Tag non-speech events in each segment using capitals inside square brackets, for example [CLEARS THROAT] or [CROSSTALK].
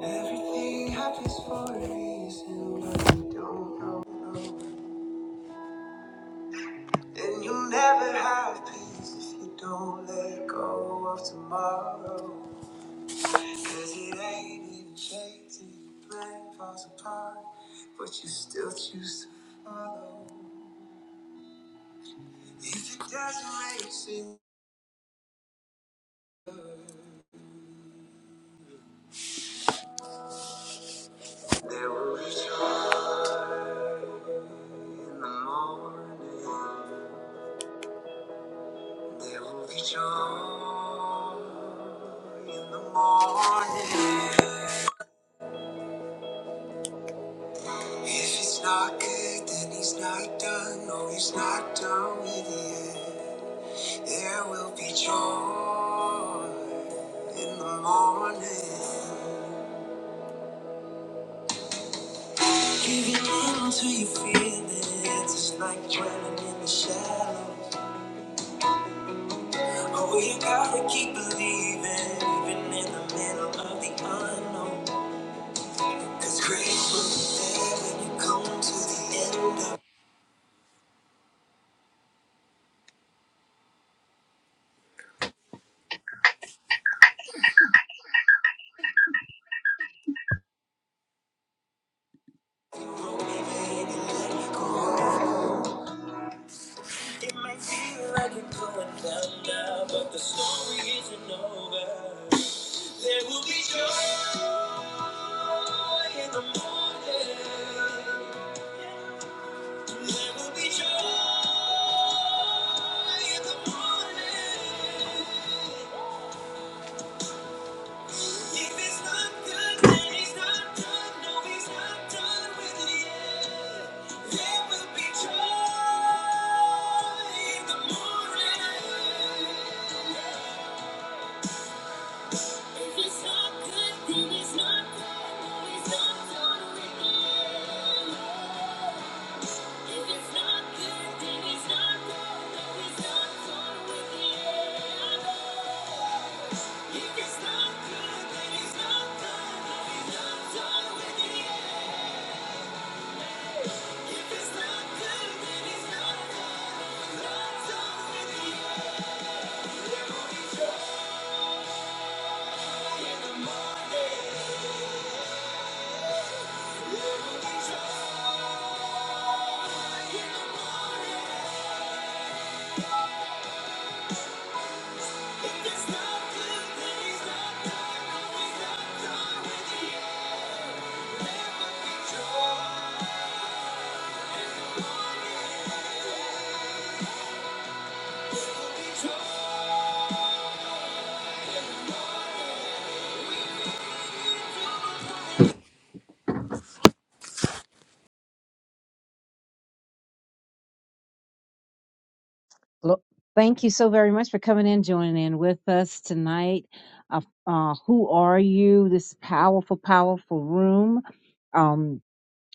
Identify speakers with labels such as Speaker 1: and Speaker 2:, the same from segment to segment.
Speaker 1: Everything happens for a reason, but you don't know. And you'll never have peace if you don't let go of tomorrow. Cause it ain't even shaped till your plan falls apart, but you still choose to follow. If it doesn't make sense, there will be joy in the morning. There will be joy in the morning. If it's not good, then he's not done. No, he's not done with it. There will be joy in the morning. Giving in to your feelings is like dwelling in the shadows. Oh, you gotta keep believing, even in the middle of the unknown. Cause grace will prevail when you come to the end of your rope and you let go. It might feel like you're going down now, but the story isn't over. There will be joy in the morning. There will be joy in the morning. If it's not good, then he's not done. No, he's not done with it yet. There will be joy in the morning. If it's not good, then he's not done. No, he's not done with it yet. If it's not good, then he's not done. No, he's not done with it yet. If it's not good, then he's not done. No, he's not done with it yet.
Speaker 2: Lo- Thank you so very much for coming in, joining in with us tonight. Uh, uh, who are you? This powerful, powerful room. Um,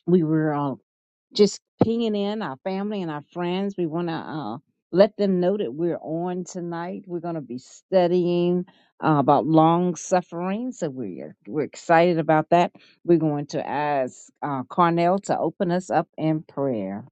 Speaker 2: we were uh, just pinging in our family and our friends. We want to uh, let them know that we're on tonight. We're going to be studying uh, about long suffering, so we're we're excited about that. We're going to ask uh, Carnell to open us up in prayer.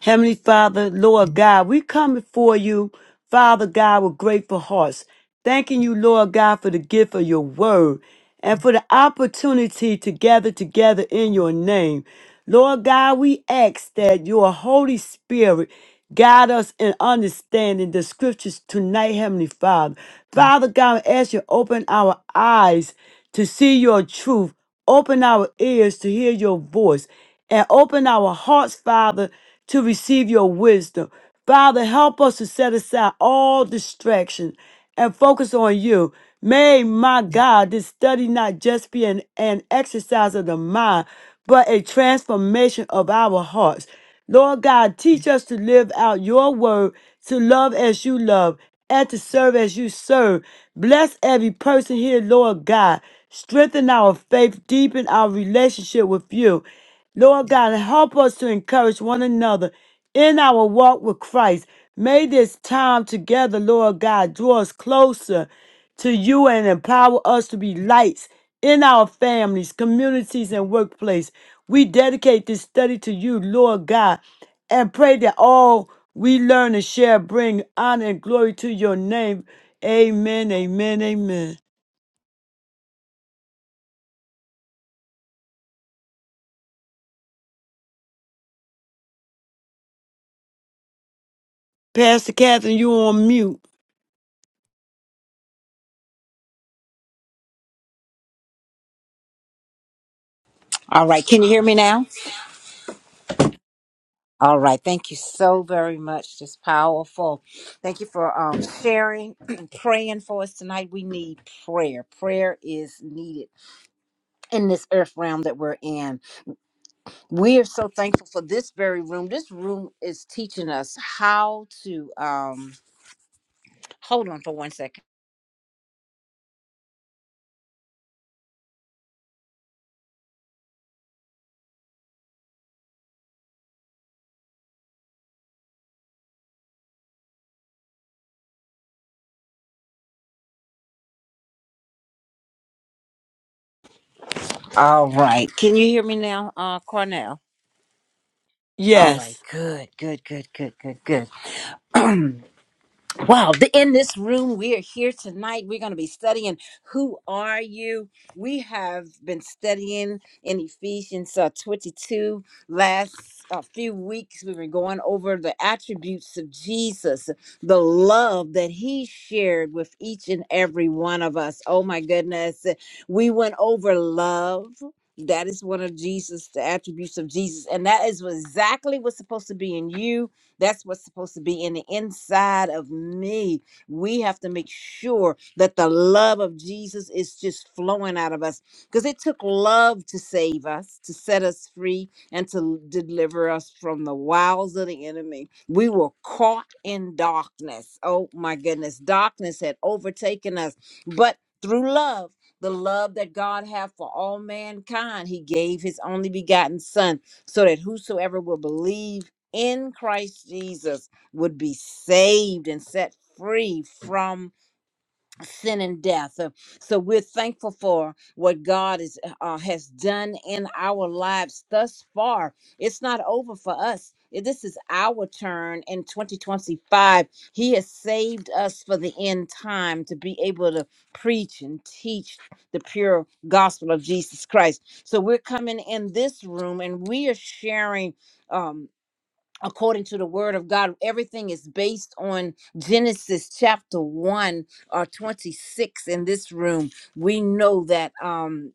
Speaker 3: Heavenly Father, Lord God, we come before you, Father God, with grateful hearts, thanking you, Lord God, for the gift of your word and for the opportunity to gather together in your name. Lord God, we ask that your Holy Spirit guide us in understanding the scriptures tonight, Heavenly Father. Father God, as you open our eyes to see your truth, Open our ears to hear your voice and open our hearts, Father, to receive your wisdom. Father, help us to set aside all distractions and focus on you. May my God, this study not just be an, an exercise of the mind, but a transformation of our hearts. Lord God, teach us to live out your word, to love as you love, and to serve as you serve. Bless every person here, Lord God. Strengthen our faith, deepen our relationship with you. Lord God, help us to encourage one another in our walk with Christ. May this time together, Lord God, draw us closer to you and empower us to be lights in our families, communities, and workplace. We dedicate this study to you, Lord God, and pray that all we learn and share bring honor and glory to your name. Amen, amen, amen. Pastor Catherine, you on mute.
Speaker 1: All right, can you hear me now? All right. Thank you so very much. Just powerful. Thank you for um, sharing [CLEARS THROAT] and praying for us tonight. We need prayer. Prayer is needed in this earth realm that we're in. We are so thankful for this very room. This room is teaching us how to. Um, hold on for one second. All right. Can you hear me now, uh, Cornell? All
Speaker 3: Yes.
Speaker 1: right. Good, good, good, good, good, good. [CLEARS THROAT] Wow, the, in this room, we are here tonight. We're going to be studying Who Are You? We have been studying in Ephesians uh, 22 last uh, few weeks. we were going over the attributes of Jesus, the love that he shared with each and every one of us. Oh my goodness. We went over love. That is one of Jesus, the attributes of Jesus. And that is exactly what's supposed to be in you that's what's supposed to be in the inside of me. We have to make sure that the love of Jesus is just flowing out of us because it took love to save us, to set us free, and to deliver us from the wiles of the enemy. We were caught in darkness. Oh my goodness, darkness had overtaken us, but through love, the love that God had for all mankind, He gave His only begotten Son, so that whosoever will believe in Christ Jesus would be saved and set free from sin and death. Uh, So we're thankful for what God is, uh, has done in our lives thus far. It's not over for us. I- This is our turn in 2025. He has saved us for the end time to be able to preach and teach the pure gospel of Jesus Christ. So we're coming in this room and we are sharing. Um, according to the word of God. Everything is based on Genesis chapter 1 or 26 in this room. We know that um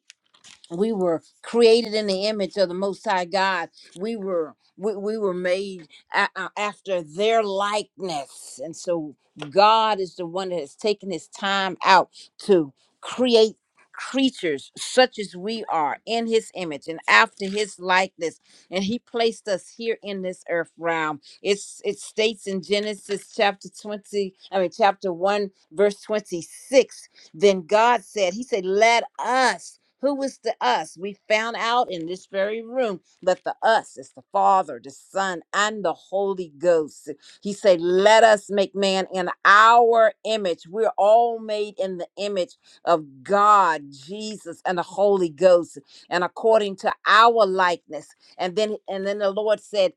Speaker 1: we were created in the image of the most high god we were we, we were made a- a- after their likeness and so god is the one that has taken his time out to create creatures such as we are in his image and after his likeness and he placed us here in this earth realm it's it states in genesis chapter 20 i mean chapter 1 verse 26 then God said, He said, Let us. Who is the us? We found out in this very room that the us is the Father, the Son, and the Holy Ghost. He said, Let us make man in our image. We're all made in the image of God, Jesus, and the Holy Ghost, and according to our likeness. And then and then the Lord said,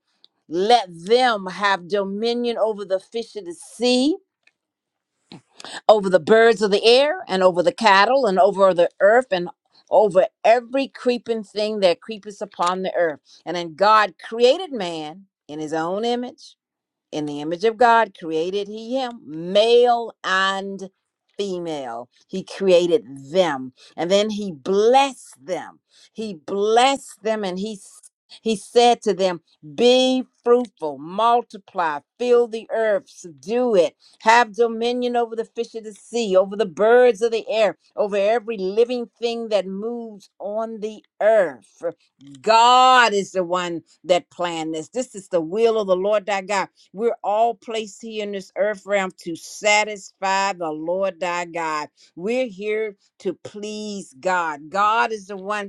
Speaker 1: Let them have dominion over the fish of the sea over the birds of the air and over the cattle and over the earth and over every creeping thing that creepeth upon the earth. And then God created man in his own image in the image of God created he him, male and female. He created them. And then he blessed them. He blessed them and he he said to them, Be fruitful, multiply, fill the earth, subdue it, have dominion over the fish of the sea, over the birds of the air, over every living thing that moves on the earth. God is the one that planned this. This is the will of the Lord thy God we're all placed here in this earth realm to satisfy the Lord thy God. We're here to please God. God is the one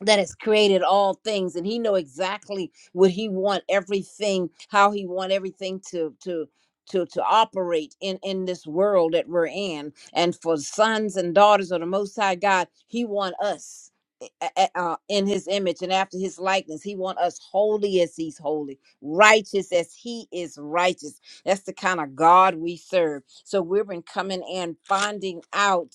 Speaker 1: that has created all things and he know exactly what he want everything how he want everything to to to to operate in in this world that we're in and for sons and daughters of the most high god he want us a- a- uh, in his image and after his likeness he want us holy as he's holy righteous as he is righteous that's the kind of god we serve so we've been coming and finding out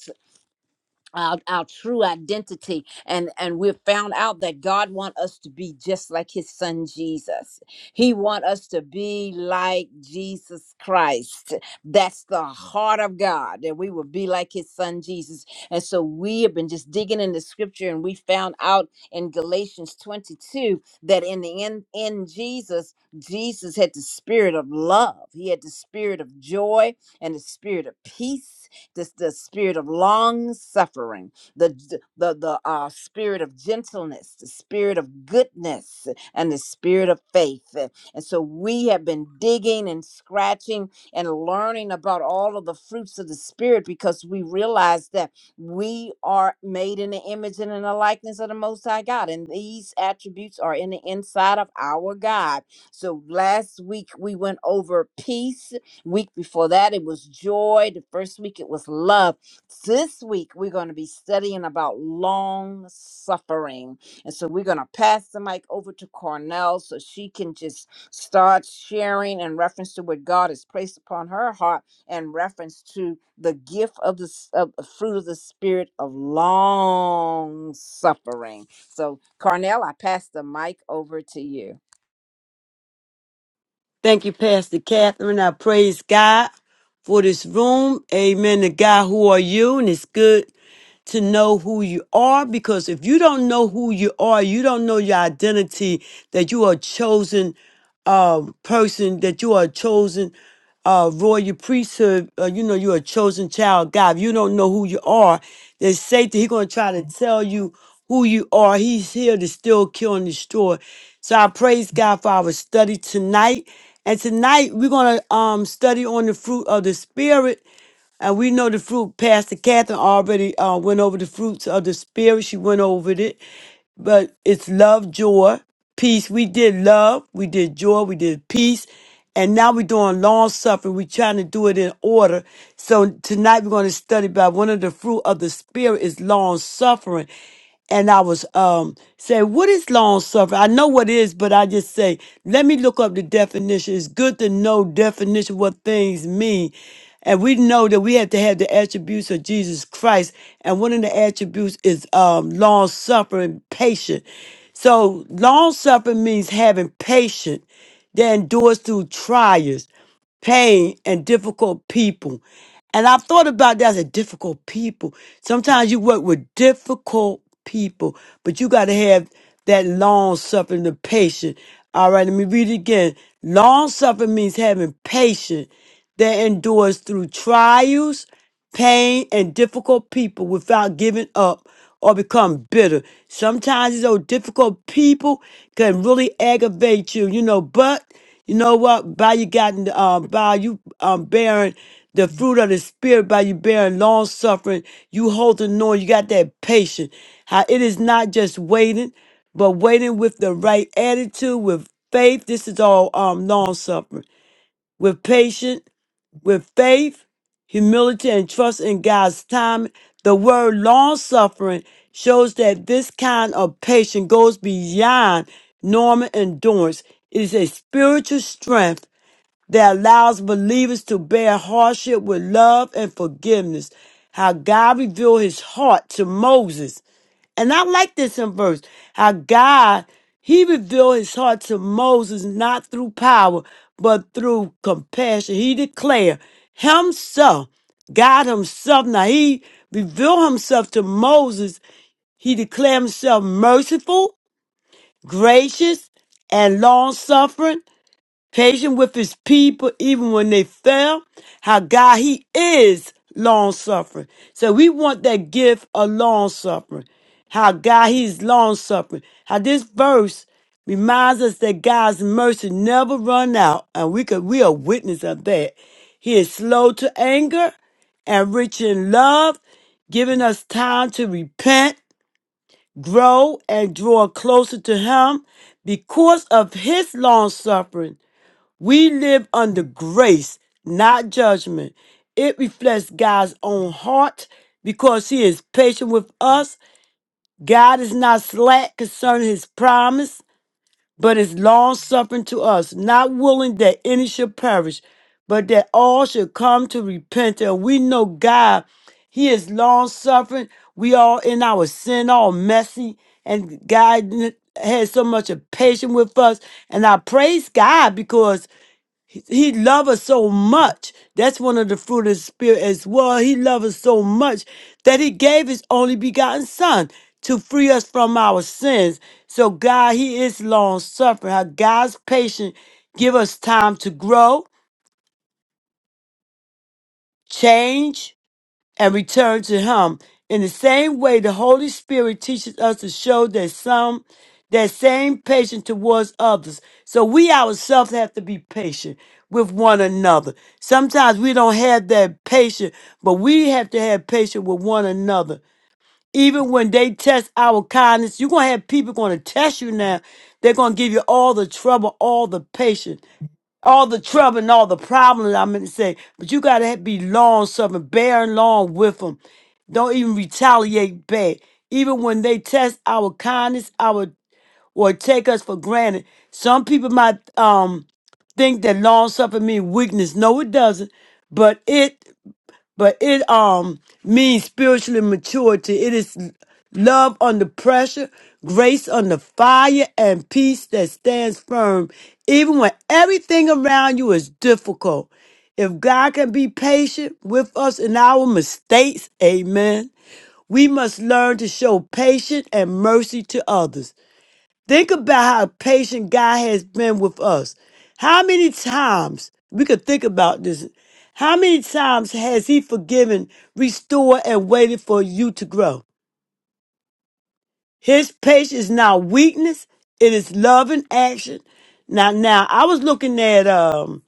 Speaker 1: our, our true identity and and we've found out that god want us to be just like his son jesus he want us to be like jesus christ that's the heart of god that we will be like his son jesus and so we have been just digging in the scripture and we found out in galatians 22 that in the end in jesus jesus had the spirit of love he had the spirit of joy and the spirit of peace this the spirit of long suffering the the the uh, spirit of gentleness the spirit of goodness and the spirit of faith and so we have been digging and scratching and learning about all of the fruits of the spirit because we realize that we are made in the image and in the likeness of the most high god and these attributes are in the inside of our god so last week we went over peace Week before that, it was joy. The first week, it was love. This week, we're going to be studying about long suffering. And so we're going to pass the mic over to Cornell so she can just start sharing in reference to what God has placed upon her heart in reference to the gift of the, s- of the fruit of the spirit of long suffering. So, Cornell, I pass the mic over to you.
Speaker 3: Thank you, Pastor Catherine. I praise God for this room. Amen. To God, who are you? And it's good to know who you are because if you don't know who you are, you don't know your identity, that you are a chosen um, person, that you are a chosen uh, royal priesthood, uh, you know, you're a chosen child of God. If you don't know who you are, there's Satan. He's going to try to tell you who you are. He's here to still kill and destroy. So I praise God for our study tonight. And tonight we're going to um, study on the fruit of the Spirit. And we know the fruit. Pastor Catherine already uh, went over the fruits of the Spirit. She went over it but it's love, joy, peace. We did love, we did joy, we did peace, and now we're doing long suffering. We're trying to do it in order. So tonight we're going to study about one of the fruit of the spirit is long suffering. And I was um saying, what is long suffering? I know what it is, but I just say, let me look up the definition. It's good to know definition what things mean. And we know that we have to have the attributes of Jesus Christ. And one of the attributes is um, long suffering, patient. So long suffering means having patience that endures through trials, pain, and difficult people. And I've thought about that as a difficult people. Sometimes you work with difficult people, but you got to have that long suffering, the patience. All right, let me read it again. Long suffering means having patience that endures through trials, pain, and difficult people without giving up or become bitter. Sometimes these old difficult people can really aggravate you, you know, but you know what? By you gotten um by you um bearing the fruit of the spirit, by you bearing long suffering, you holding on. you got that patience. How it is not just waiting, but waiting with the right attitude, with faith. This is all um long suffering. With patience with faith, humility, and trust in God's time. The word long suffering shows that this kind of patience goes beyond normal endurance. It is a spiritual strength that allows believers to bear hardship with love and forgiveness. How God revealed his heart to Moses. And I like this in verse. How God, he revealed his heart to Moses not through power, but through compassion. He declared himself, God himself. Now he revealed himself to Moses he declared himself merciful, gracious, and long suffering, patient with his people even when they fail, how God, he is long suffering. So we want that gift of long suffering, how God, he's long suffering. How this verse reminds us that God's mercy never run out and we could, we are witness of that. He is slow to anger and rich in love, giving us time to repent, grow, and draw closer to Him because of His long suffering. We live under grace, not judgment. It reflects God's own heart because He is patient with us. God is not slack concerning His promise, but is long suffering to us, not willing that any should perish, but that all should come to repentance. We know God, He is long suffering. We all in our sin, all messy, and God n- had so much of patience with us. And I praise God because he he love us so much. That's one of the fruit of the spirit as well. He loved us so much that he gave his only begotten son to free us from our sins. So God, he is long suffering. How God's patient give us time to grow, change, and return to him. In the same way, the Holy Spirit teaches us to show that some that same patience towards others. So we ourselves have to be patient with one another. Sometimes we don't have that patience, but we have to have patience with one another. Even when they test our kindness, you're gonna have people gonna test you now. They're gonna give you all the trouble, all the patience all the trouble and all the problems. I'm going to say, but you got to be long suffering, bearing long with them. Don't even retaliate back. Even when they test our kindness, our or take us for granted. Some people might um think that long suffering means weakness. No, it doesn't. But it but it um means spiritually maturity. It is love under pressure, grace under fire, and peace that stands firm even when everything around you is difficult. If God can be patient with us in our mistakes, amen. We must learn to show patience and mercy to others. Think about how patient God has been with us. How many times we could think about this? How many times has He forgiven, restored, and waited for you to grow? His patience is not weakness; it is love in action. Now, now I was looking at um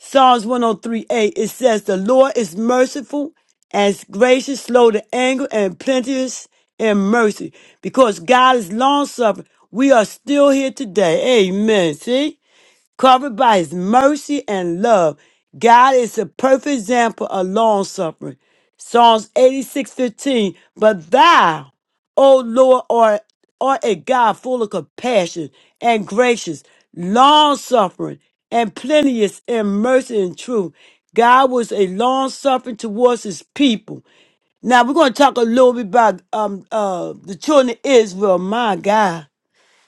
Speaker 3: Psalms 103 8, it says, The Lord is merciful and gracious, slow to anger, and plenteous in mercy. Because God is long suffering, we are still here today. Amen. See? covered by his mercy and love. God is a perfect example of long suffering. Psalms 86 fifteen. But thou, O Lord, art, art a God full of compassion and gracious, long suffering, and plenteous in mercy and truth. God was a long suffering towards his people. Now we're going to talk a little bit about um uh the children of Israel. My God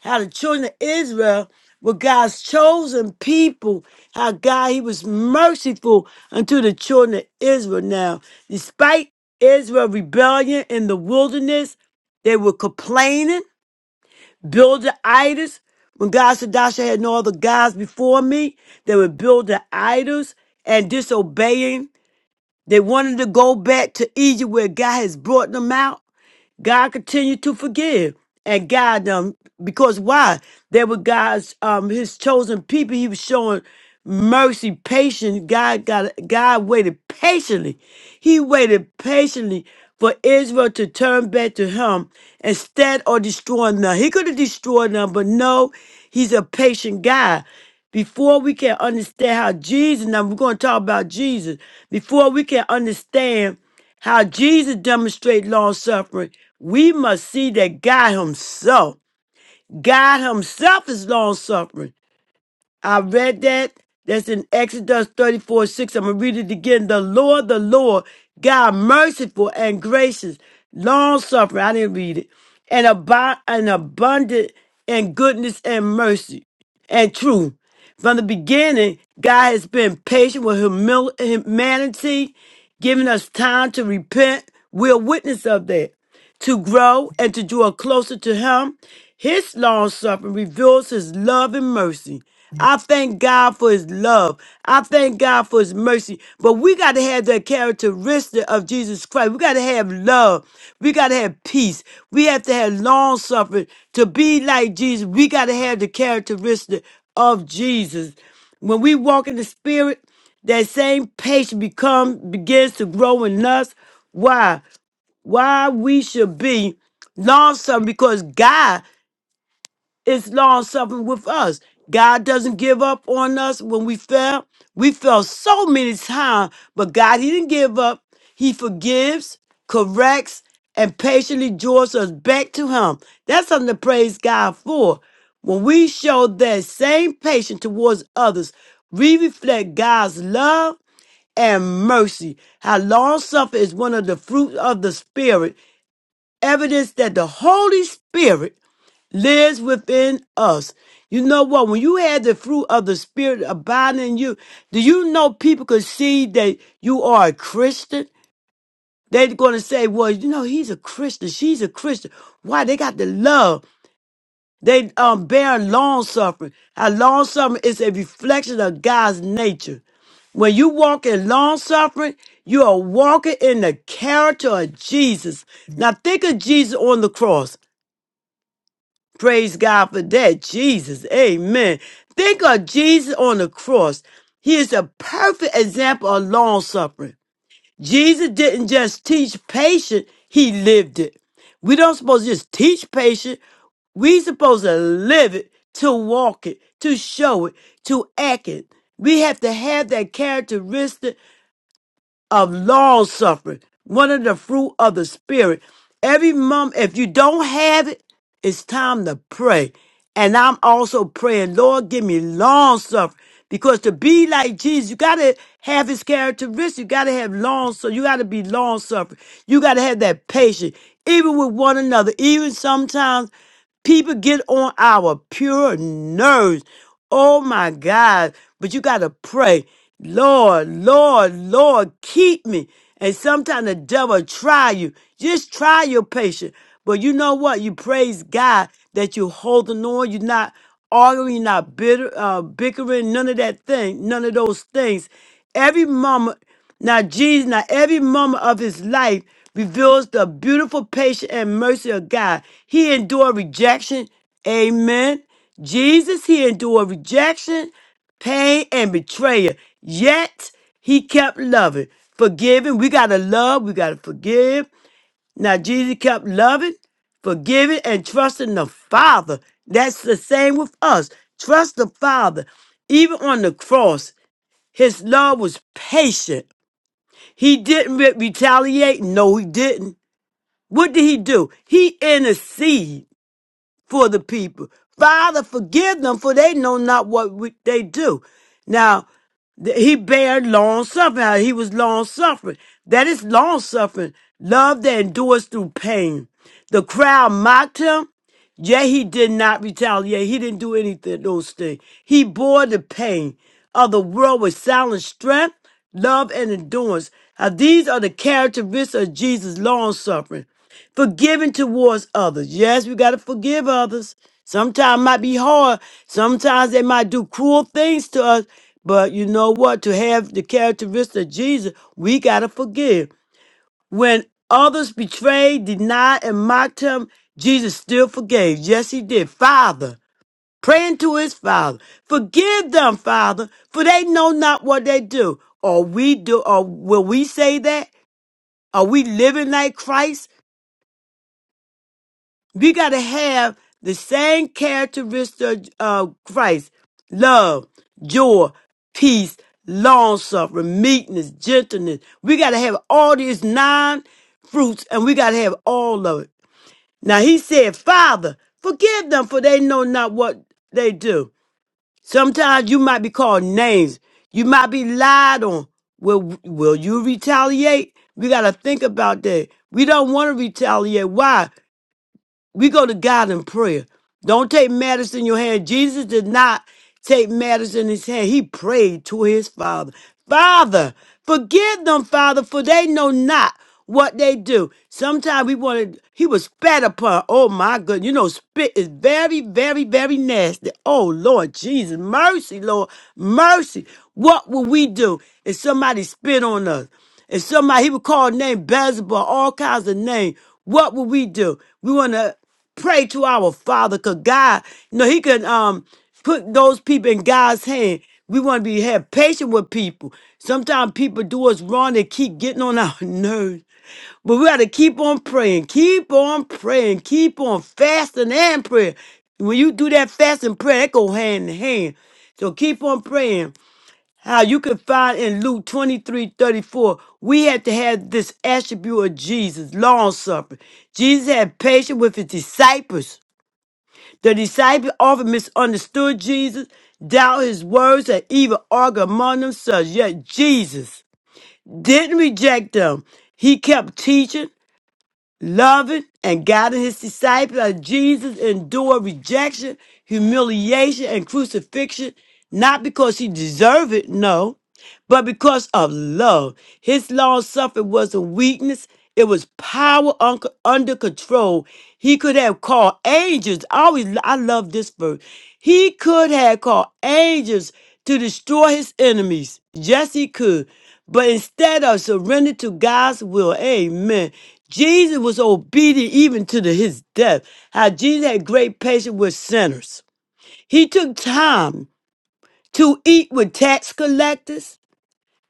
Speaker 3: how the children of Israel were God's chosen people, how God, He was merciful unto the children of Israel. Now, despite Israel's rebellion in the wilderness, they were complaining, building idols. When God said, Thou shalt have no other gods before me, they were building idols and disobeying. They wanted to go back to Egypt where God has brought them out. God continued to forgive and guide them because why? They were God's um his chosen people. He was showing mercy, patience. God got God waited patiently. He waited patiently for Israel to turn back to him instead of destroying them. He could have destroyed them, but no, he's a patient God before we can understand how Jesus, now we're going to talk about Jesus, before we can understand how Jesus demonstrated long suffering, we must see that God Himself, God Himself is long suffering. I read that. That's in Exodus 34 6. I'm going to read it again. The Lord, the Lord, God merciful and gracious, long suffering. I didn't read it. And, ab- and abundant in goodness and mercy and truth. From the beginning, God has been patient with humil- humanity, giving us time to repent. We're a witness of that to grow and to draw closer to Him. His long suffering reveals His love and mercy. I thank God for His love. I thank God for His mercy. But we got to have the characteristic of Jesus Christ. We got to have love. We got to have peace. We have to have long suffering. To be like Jesus, we got to have the characteristic of Jesus. When we walk in the Spirit, that same patience become begins to grow in us. Why? why we should be long suffering because God is long suffering with us. God doesn't give up on us when we fail. We fell so many times, but God, He didn't give up. He forgives, corrects, and patiently draws us back to Him. That's something to praise God for. When we show that same patience towards others, we reflect God's love and mercy. How long suffering is one of the fruits of the Spirit evidence that the Holy Spirit lives within us. You know what? When you had the fruit of the Spirit abiding in you, do you know people could see that you are a Christian? They're going to say, well, you know, he's a Christian. She's a Christian. Why? They got the love. They um, bear long suffering. How long suffering is a reflection of God's nature. When you walk in long suffering, you are walking in the character of Jesus. Now think of Jesus on the cross. Praise God for that. Jesus. Amen. Think of Jesus on the cross. He is a perfect example of long suffering. Jesus didn't just teach patience, he lived it. We don't supposed to just teach patience. We supposed to live it, to walk it, to show it, to act it. We have to have that characteristic of long suffering, one of the fruit of the spirit. Every month, if you don't have it, it's time to pray. And I'm also praying, Lord, give me long suffering. Because to be like Jesus, you gotta have his characteristics. You gotta have long so you gotta be long suffering. You gotta have that patience, even with one another. Even sometimes People get on our pure nerves. Oh my God. But you got to pray, Lord, Lord, Lord, keep me. And sometimes the devil try you. Just try your patience. But you know what? You praise God that you're holding on. You're not arguing, you're not bitter, uh, bickering, none of that thing, none of those things. Every moment. Now, Jesus, now every moment of his life reveals the beautiful patience and mercy of God. He endured rejection. Amen. Jesus, he endured rejection, pain, and betrayal. Yet he kept loving, forgiving. We gotta love, we gotta forgive. Now, Jesus kept loving, forgiving, and trusting the Father. That's the same with us. Trust the Father. Even on the cross, his love was patient he didn't re- retaliate. No, he didn't. What did he do? He intercede for the people. Father, forgive them, for they know not what we, they do. Now, th- he bared long suffering. Now, He was long suffering. That is long suffering. Love that endures through pain. The crowd mocked him, yet he did not retaliate. He didn't do anything, those things. He bore the pain of the world with silent strength, love, and endurance. Now, these are the characteristics of Jesus' long suffering forgiving towards others. Yes, we got to forgive others. Sometimes might be hard. Sometimes they might do cruel things to us. But you know what? To have the characteristic of Jesus, we got to forgive. When others betrayed, denied, and mocked him, Jesus still forgave. Yes, he did. Father, praying to his Father, forgive them, Father, for they know not what they do. Or we do, or will we say that? Are we living like Christ? We got to have the same characteristic of Christ love, joy, peace, long suffering, meekness, gentleness. We got to have all these nine fruits and we got to have all of it. Now, he said, Father, forgive them for they know not what they do. Sometimes you might be called names, you might be lied on. Will, will you retaliate? We got to think about that. We don't want to retaliate. Why? We go to God in prayer. Don't take matters in your hand. Jesus did not take matters in his hand. He prayed to his Father. Father, forgive them, Father, for they know not what they do. Sometimes we wanted, he was spat upon. Oh my goodness. You know, spit is very, very, very nasty. Oh Lord Jesus, mercy, Lord, mercy. What will we do if somebody spit on us? If somebody he would call name Beelzebub, all kinds of names, what would we do? We want to pray to our Father, cause God, you know, He can um put those people in God's hand. We want to be have patience with people. Sometimes people do us wrong; they keep getting on our [LAUGHS] nerves. But we got to keep on praying, keep on praying, keep on fasting and prayer. When you do that fasting prayer, that go hand in hand. So keep on praying how you can find in Luke 23 34, we have to have this attribute of Jesus, long suffering. Jesus had patience with his disciples. The disciples often misunderstood Jesus, doubted his words, and even argued among themselves. Yet Jesus didn't reject them. He kept teaching, loving, and guiding his disciples as Jesus endured rejection, humiliation, and crucifixion, not because he deserved it, no but because of love, his long suffering wasn't weakness, it was power un- under control. He could have called angels. I always I love this verse. He could have called angels to destroy his enemies. Yes, he could. But instead of surrendering to God's will, amen. Jesus was obedient even to the- his death. How Jesus had great patience with sinners. He took time to eat with tax collectors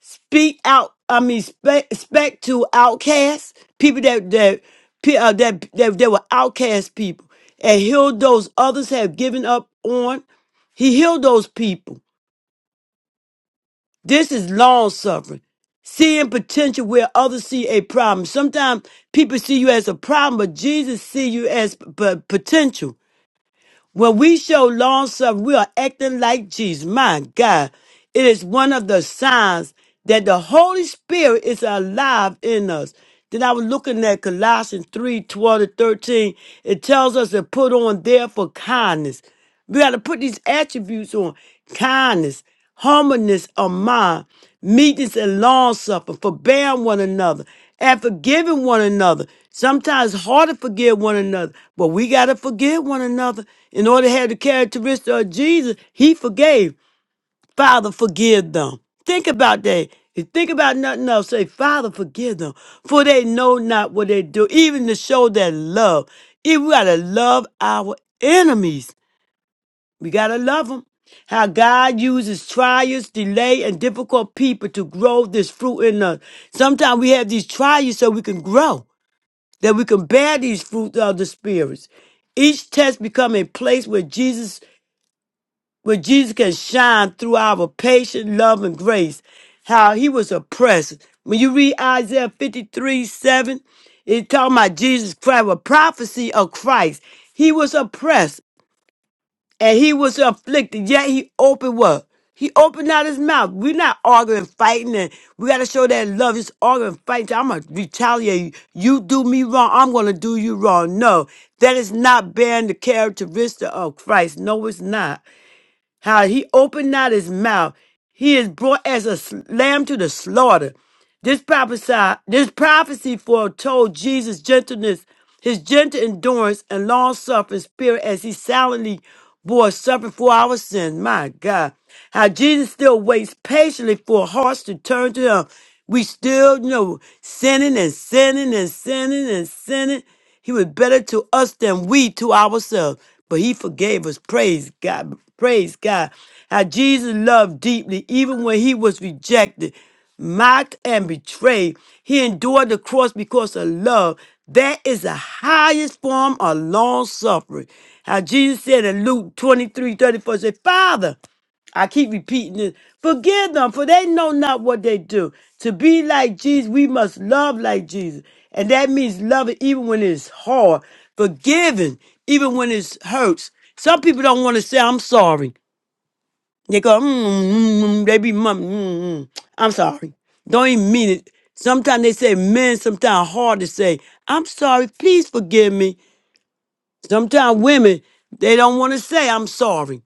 Speaker 3: speak out. I mean, spec, spec to outcasts, people that that pe- uh, that that, that were outcast people, and healed those others have given up on. He healed those people. This is long suffering, seeing potential where others see a problem. Sometimes people see you as a problem, but Jesus see you as p- p- potential. When we show long suffering, we are acting like Jesus. My God, it is one of the signs that the Holy Spirit is alive in us. Then I was looking at Colossians 3 12 to 13. It tells us to put on, therefore, kindness. We got to put these attributes on kindness humbleness of mind, meekness and long suffering, forbearing one another, and forgiving one another. Sometimes it's hard to forgive one another, but we got to forgive one another in order to have the characteristic of Jesus. He forgave. Father, forgive them. Think about that. And think about nothing else. Say, Father, forgive them, for they know not what they do, even to show that love. If we got to love our enemies. We got to love them. How God uses trials, delay, and difficult people to grow this fruit in us. Sometimes we have these trials so we can grow, that we can bear these fruits of the spirits. Each test become a place where Jesus, where Jesus can shine through our patient love, and grace. How he was oppressed. When you read Isaiah 53, 7, it's talking about Jesus Christ, a prophecy of Christ. He was oppressed and he was afflicted. Yet he opened what? He opened out his mouth. We're not arguing, fighting, and we got to show that love is arguing, fighting. I'm going to retaliate. You do me wrong, I'm going to do you wrong. No, that is not bearing the characteristic of Christ. No, it's not how he opened not his mouth. He is brought as a s- lamb to the slaughter. This prophesy, this prophecy foretold Jesus' gentleness, his gentle endurance and long suffering spirit as he silently bore suffering for our sins. My God. How Jesus still waits patiently for hearts to turn to him. We still, you know, sinning and sinning and sinning and sinning. He was better to us than we to ourselves. But he forgave us. Praise God. Praise God. How Jesus loved deeply, even when he was rejected, mocked, and betrayed. He endured the cross because of love. That is the highest form of long suffering. How Jesus said in Luke twenty three thirty four, 34, said, Father, I keep repeating this. Forgive them, for they know not what they do. To be like Jesus, we must love like Jesus. And that means loving even when it's hard, forgiving even when it hurts. Some people don't want to say, I'm sorry. They go, mm, mm, mm," mm." they be mum, mm, mm, mm." I'm sorry. Don't even mean it. Sometimes they say, men, sometimes hard to say, I'm sorry, please forgive me. Sometimes women, they don't want to say, I'm sorry.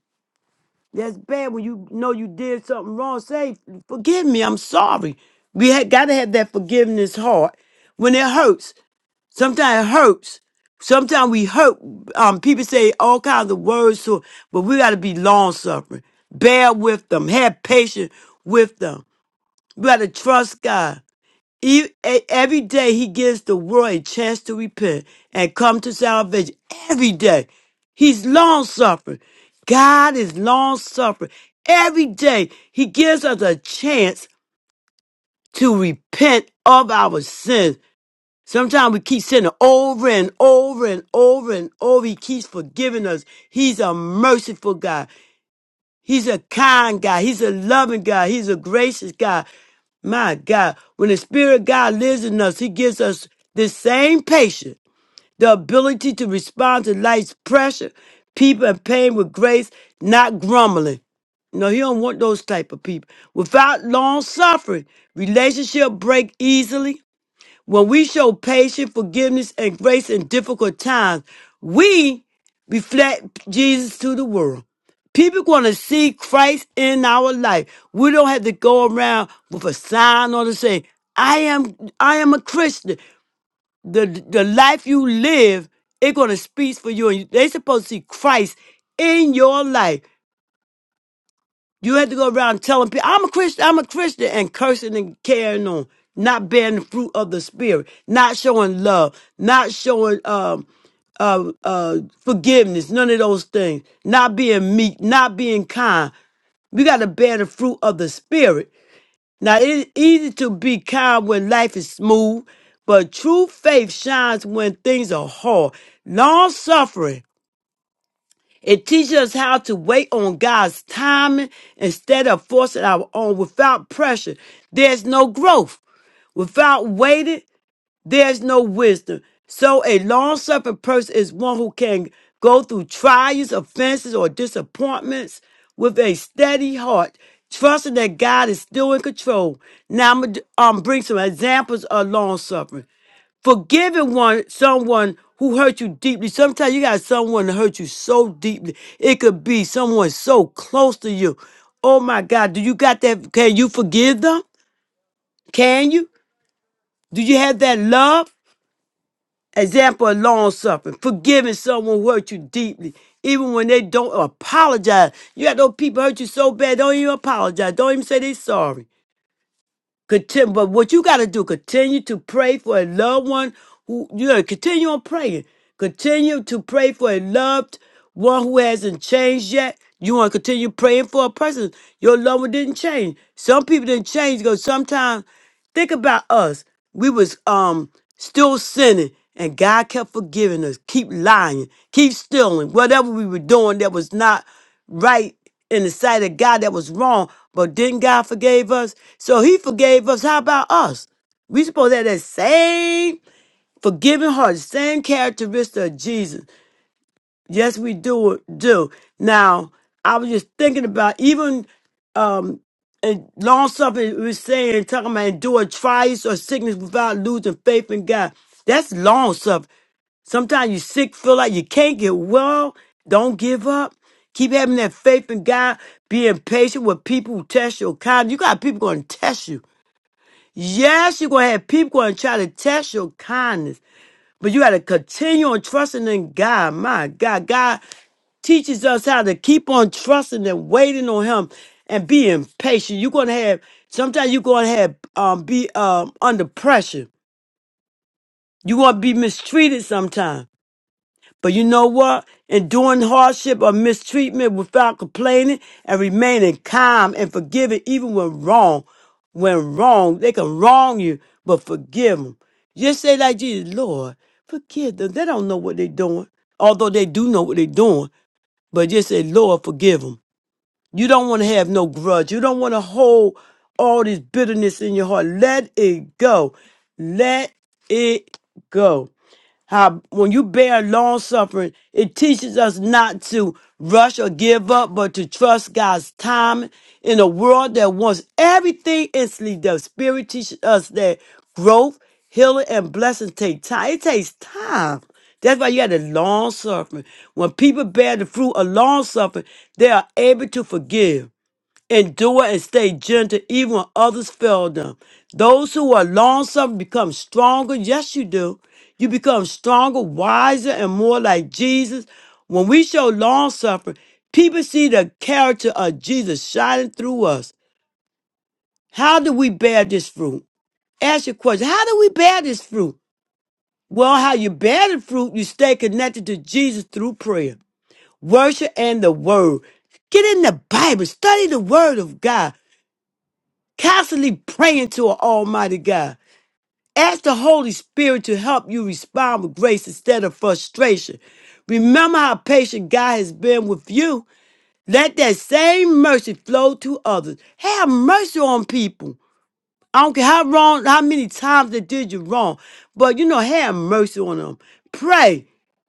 Speaker 3: That's bad when you know you did something wrong. Say, forgive me, I'm sorry. We had gotta have that forgiveness heart. When it hurts, sometimes it hurts. Sometimes we hurt. Um, people say all kinds of words to, but we gotta be long suffering. Bear with them. Have patience with them. We gotta trust God. E- e- Every day he gives the world a chance to repent and come to salvation. Every day. He's long suffering. God is long suffering. Every day he gives us a chance to repent of our sins. Sometimes we keep sinning over and over and over and over. He keeps forgiving us. He's a merciful God. He's a kind God. He's a loving God. He's a gracious God. My God, when the Spirit of God lives in us, He gives us the same patience, the ability to respond to life's pressure, people, and pain with grace, not grumbling. No, he don't want those type of people. Without long suffering, relationship break easily. When we show patience, forgiveness, and grace in difficult times, we reflect Jesus to the world. People going to see Christ in our life. We don't have to go around with a sign or to say, "I am, I am a Christian." The the life you live, it's going to speak for you, and you- they supposed to see Christ in your life. You had to go around telling people, I'm a Christian, I'm a Christian, and cursing and carrying on, not bearing the fruit of the Spirit, not showing love, not showing um, uh, uh, forgiveness, none of those things, not being meek, not being kind. We got to bear the fruit of the Spirit. Now, it is easy to be kind when life is smooth, but true faith shines when things are hard. Long suffering it teaches us how to wait on God's timing instead of forcing our own without pressure. There's no growth without waiting. There's no wisdom. So a long suffering person is one who can go through trials, offenses, or disappointments with a steady heart, trusting that God is still in control. Now I'm gonna um, bring some examples of long suffering forgiving one someone who hurt you deeply. Sometimes you got someone that hurt you so deeply. It could be someone so close to you. Oh my God, do you got that? Can you forgive them? Can you? Do you have that love? example of long suffering, forgiving someone who hurt you deeply, even when they don't apologize. You got those people hurt you so bad, don't even apologize. Don't even say they are sorry. Continue, but what you got to do, continue to pray for a loved one who, you know, continue on praying. Continue to pray for a loved one who hasn't changed yet. You want to continue praying for a person. Your loved one didn't change. Some people didn't change because sometimes, think about us. We was um still sinning and God kept forgiving us. Keep lying, keep stealing, whatever we were doing that was not right in the sight of God that was wrong, but didn't God forgive us? So he forgave us. How about us? We supposed to have that same forgiving heart, the same characteristic of Jesus. Yes, we do do. Now, I was just thinking about even um and long suffering we're saying talking about endure trials or sickness without losing faith in God. That's long suffering. Sometimes you sick, feel like you can't get well. Don't give up. Keep having that faith in God, being patient with people who test your kindness. You got people going to test you. Yes, you're going to have people going to try to test your kindness, but you got to continue on trusting in God. My God, God teaches us how to keep on trusting and waiting on Him and being patient. You're going to have, sometimes you're going to have, um, be um, under pressure. You're going to be mistreated sometimes. But you know what? Enduring hardship or mistreatment without complaining and remaining calm and forgiving even when wrong. When wrong, they can wrong you, but forgive them. Just say like Jesus, Lord, forgive them. They don't know what they're doing. Although they do know what they're doing, but just say, Lord, forgive them. You don't want to have no grudge. You don't want to hold all this bitterness in your heart. Let it go. Let it go how when you bear long suffering, it teaches us not to rush or give up, but to trust God's time in a world that wants everything instantly. The Spirit teaches us that growth, healing, and blessings take time. It takes time. That's why you had a long suffering. When people bear the fruit of long suffering, they are able to forgive endure and stay gentle even when others fail them. Those who are long suffering become stronger. Yes, you do. You become stronger, wiser, and more like Jesus. When we show long suffering, people see the character of Jesus shining through us. How do we bear this fruit? Ask your question. How do we bear this fruit? Well, how you bear the fruit, you stay connected to Jesus through prayer, worship, and the word. Get in the Bible, study the word of God. Constantly praying to an Almighty God. Ask the Holy Spirit to help you respond with grace instead of frustration. Remember how patient God has been with you. Let that same mercy flow to others. Have mercy on people. I don't care how wrong, how many times they did you wrong, but you know, have mercy on them. Pray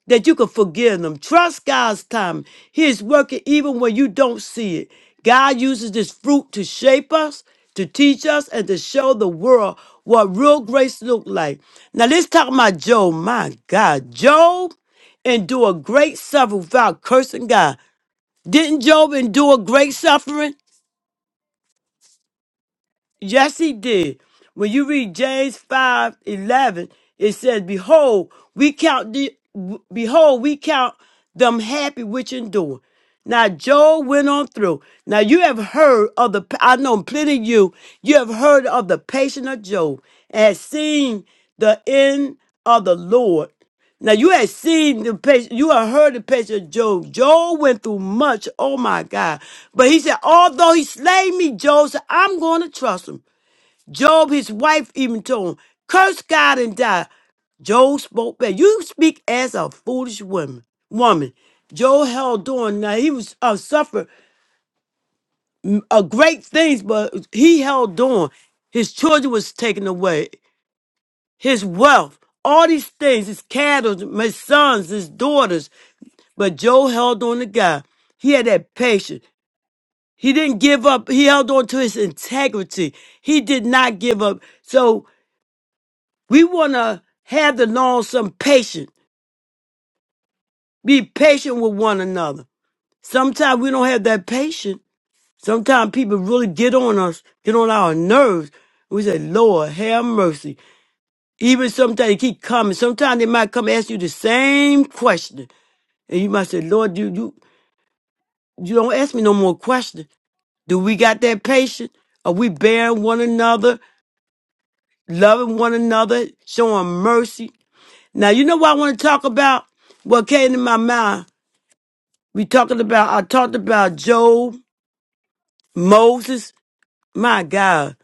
Speaker 3: that you can forgive them. Trust God's time. He is working even when you don't see it. God uses this fruit to shape us, to teach us, and to show the world what real grace look like. Now let's talk about Job. My God, Job endured great suffering without cursing God. Didn't Job endure great suffering? Yes, he did. When you read James five eleven, it says, Behold, we count the behold, we count them happy which endure. Now Job went on through. Now you have heard of the I know plenty of you, you have heard of the patience of Job and seen the end of the Lord now you had seen the patient, you had heard the patient of Job. Job went through much. Oh my God. But he said, although he slay me, Job said, I'm going to trust him. Job, his wife even told him, curse God and die. Job spoke back. You speak as a foolish woman. Woman. Job held on. Now he was uh, suffered uh, great things, but he held on. His children was taken away. His wealth, all these things, his cattle, my sons, his daughters. But Job held on to God. He had that patience. He didn't give up. He held on to his integrity. He did not give up. So we want to have the long some patience. Be patient with one another. Sometimes we don't have that patience. Sometimes people really get on us, get on our nerves. We say, Lord, have mercy. Even sometimes they keep coming. Sometimes they might come ask you the same question. And you might say, Lord, you, you, you don't ask me no more questions. Do we got that patience? Are we bearing one another, loving one another, showing mercy? Now, you know what I want to talk about? What came to my mind? We talking about, I talked about Job, Moses. My God,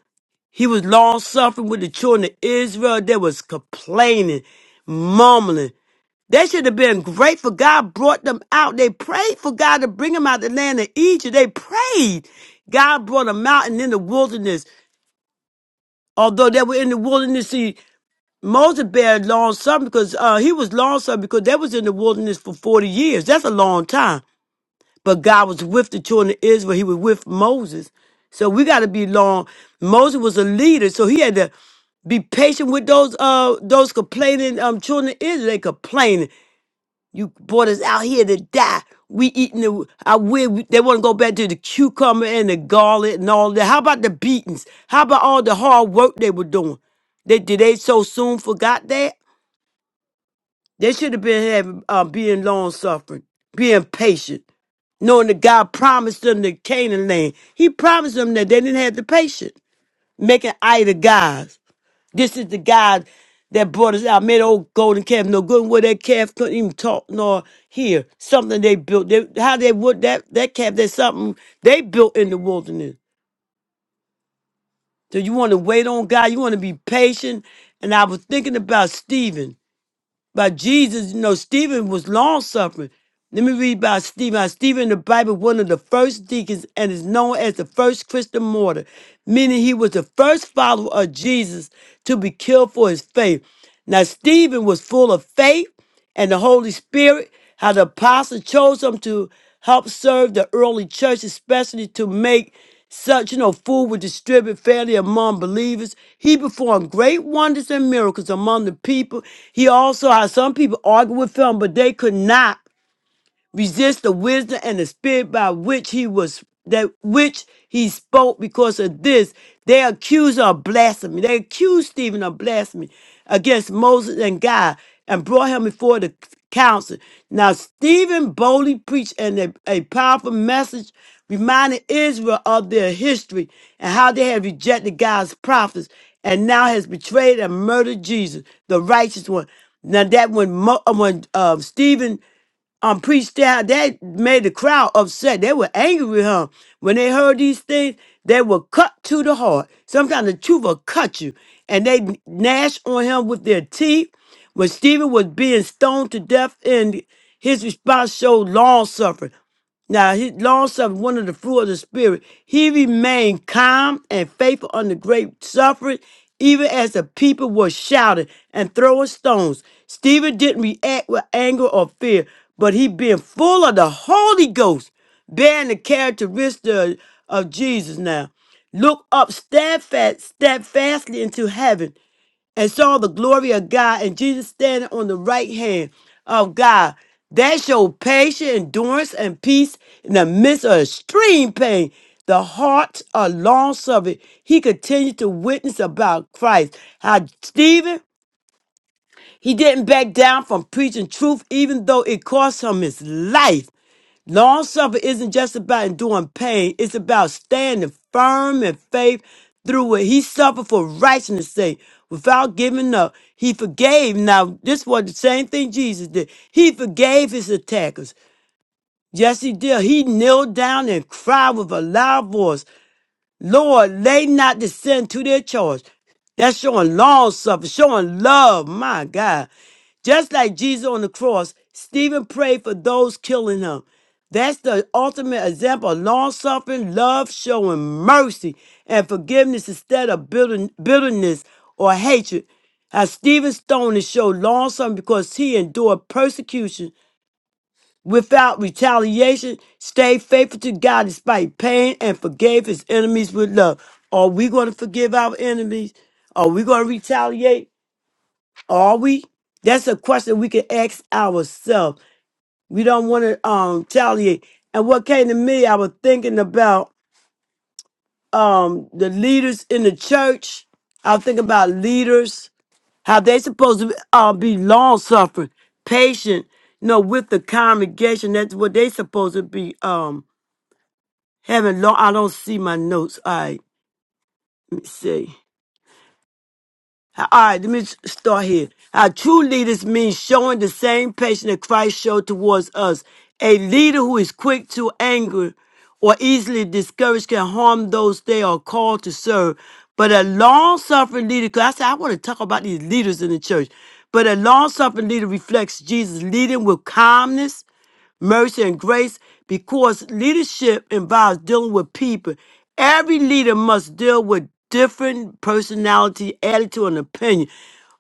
Speaker 3: he was long suffering with the children of Israel. They was complaining, mumbling. They should have been grateful. God brought them out. They prayed for God to bring them out of the land of Egypt. They prayed. God brought them out and in the wilderness. although they were in the wilderness, see, Moses bear long suffering because uh, he was long suffering because they was in the wilderness for 40 years. That's a long time. But God was with the children of Israel. He was with Moses. So we got to be long. Moses was a leader, so he had to be patient with those uh those complaining um children of Israel. They complaining. You brought us out here to die. We eating the. I will. They want to go back to the cucumber and the garlic and all that. How about the beatings? How about all the hard work they were doing? They did they so soon forgot that? They should have been having uh, being long suffering, being patient, knowing that God promised them the Canaan land. He promised them that they didn't have the patience, making idol gods. This is the God that brought us out, made the old golden calf no good, and where that calf couldn't even talk nor hear. Something they built. They, how they would that that calf? That's something they built in the wilderness. So you want to wait on God. You want to be patient. And I was thinking about Stephen by Jesus, you know, Stephen was long suffering. Let me read about Stephen. How Stephen in the Bible, one of the first deacons, and is known as the first Christian martyr, meaning he was the first follower of Jesus to be killed for his faith. Now, Stephen was full of faith and the Holy Spirit, how the apostle chose them to help serve the early church, especially to make such, you know, food was distributed fairly among believers. He performed great wonders and miracles among the people. He also had some people argue with him, but they could not resist the wisdom and the spirit by which he was that which he spoke because of this they accuse her of blasphemy they accused stephen of blasphemy against moses and god and brought him before the council now stephen boldly preached and a, a powerful message reminding israel of their history and how they had rejected god's prophets and now has betrayed and murdered jesus the righteous one now that when Mo, uh, when uh, Stephen um preached out that made the crowd upset they were angry with him when they heard these things they were cut to the heart sometimes the truth will cut you and they gnashed on him with their teeth when stephen was being stoned to death and his response showed long suffering now, he long suffering, one of the fruit of the spirit. He remained calm and faithful under great suffering, even as the people were shouting and throwing stones. Stephen didn't react with anger or fear, but he being full of the Holy Ghost, bearing the characteristic of of Jesus now. Look up steadfast, steadfastly into heaven and saw the glory of God and Jesus standing on the right hand of God. That showed patience, endurance and peace in the midst of extreme pain. The heart of long suffering. He continued to witness about Christ. How Stephen he didn't back down from preaching truth, even though it cost him his life. Long suffering isn't just about enduring pain, it's about standing firm in faith through what he suffered for righteousness' sake. Without giving up, he forgave. Now, this was the same thing Jesus did. He forgave his attackers. Yes, he did. He knelt down and cried with a loud voice. Lord, lay not descend to their charge. That's showing long suffering, showing love. My God. Just like Jesus on the cross, Stephen prayed for those killing him. That's the ultimate example of long suffering, love, showing mercy and forgiveness instead of bitter- bitterness or hatred. As Stephen Stone is showed long suffering because he endured persecution without retaliation, stayed faithful to God despite pain, and forgave his enemies with love. Are we going to forgive our enemies? Are we going to retaliate? Are we? That's a question we can ask ourselves. We don't want to um, retaliate. And what came to me, I was thinking about um, the leaders in the church. I was thinking about leaders, how they supposed to uh, be long suffering, patient, you know, with the congregation. That's what they supposed to be. Um, Heaven, Lord, I don't see my notes. All right, let me see. All right, let me s- start here. Our true leaders mean showing the same patience that Christ showed towards us. A leader who is quick to anger or easily discouraged can harm those they are called to serve. But a long suffering leader, because I said I want to talk about these leaders in the church. But a long suffering leader reflects Jesus, leading with calmness mercy, and grace because leadership involves dealing with people. Every leader must deal with different personality, attitude, and opinion.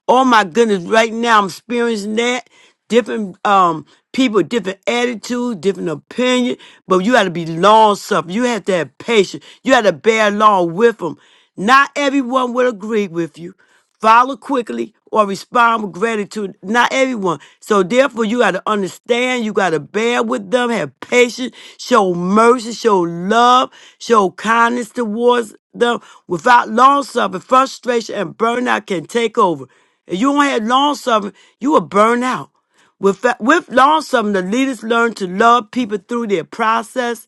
Speaker 3: Oh my goodness, right now I'm experiencing that. Different um people, different attitude, different opinion, but you gotta be long suffering. You have to have patience. You have to bear along with them. Not everyone will agree with you follow quickly, or respond with gratitude. Not everyone. So therefore, you got to understand, you got to bear with them, have patience, show mercy, show love, show kindness towards them. Without long suffering, frustration and burnout can take over. If you don't have long suffering, you will burn out. With, with long suffering, the leaders learn to love people through their process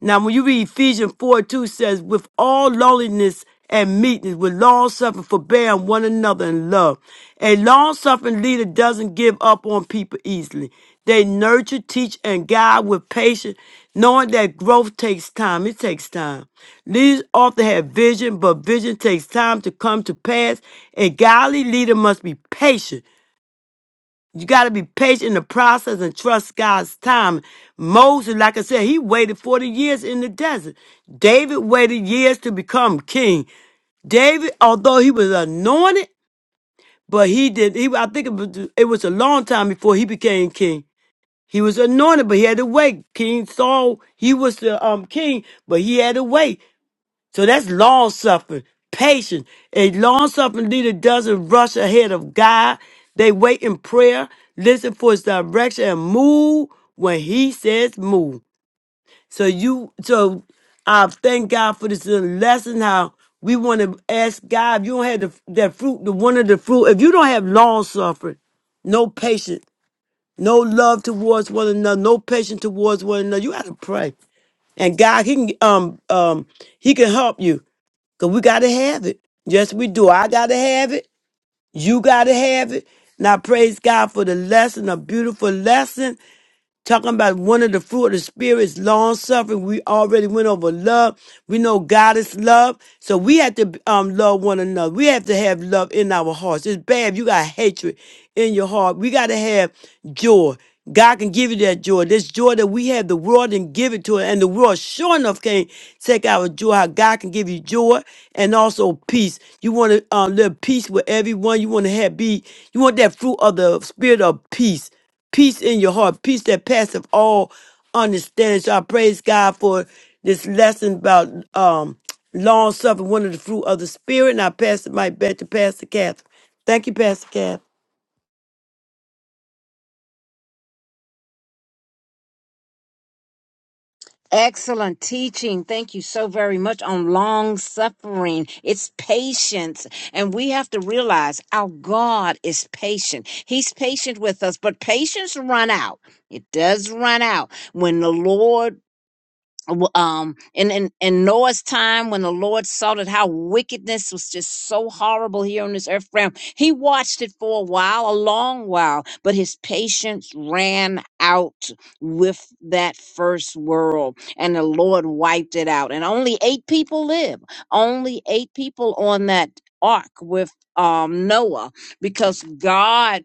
Speaker 3: now, when you read Ephesians 4 2 says, with all lowliness and meekness, with long suffering, forbearing one another in love. A long suffering leader doesn't give up on people easily. They nurture, teach, and guide with patience, knowing that growth takes time. It takes time. Leaders often have vision, but vision takes time to come to pass. A godly leader must be patient you got to be patient in the process and trust God's time. Moses, like I said, he waited 40 years in the desert. David waited years to become king. David, although he was anointed, but he did. He, I think it was, it was a long time before he became king. He was anointed, but he had to wait. King Saul, he was the um king, but he had to wait. So that's long suffering, patience. A long suffering leader doesn't rush ahead of God. They wait in prayer, listen for his direction, and move when he says move. So you so I thank God for this little lesson how we want to ask God if you don't have the, that fruit, the one of the fruit, if you don't have long suffering, no patience, no love towards one another, no patience towards one another, you gotta pray and God, He can um um He can help you. Because we got to have it. Yes, we do. I got to have it. You got to have it. Now, praise God for the lesson, a beautiful lesson Talking about one of the fruit of the spirit is long suffering. We already went over love. We know God is love. So we have to um love one another. We have to have love in our hearts. It's bad if you got hatred in your heart. We got to have joy. God can give you that joy. This joy that we have, the world didn't give it to us. And the world sure enough can't take our joy. How God can give you joy and also peace. You want to um, live peace with everyone. You want to have be, you want that fruit of the spirit of peace peace in your heart, peace that passeth all understanding. So I praise God for this lesson about um long suffering, one of the fruit of the spirit. And I pass the mic back to Pastor Catherine. Thank you, Pastor Catherine.
Speaker 2: Excellent teaching. Thank you so very much on long suffering. It's patience. And we have to realize our God is patient. He's patient with us, but patience run out. It does run out. When the Lord w- um in, in in Noah's time when the Lord saw that how wickedness was just so horrible here on this earth realm, he watched it for a while, a long while, but his patience ran out with that first world, and the Lord wiped it out. And only eight people live. Only eight people on that ark with um Noah because God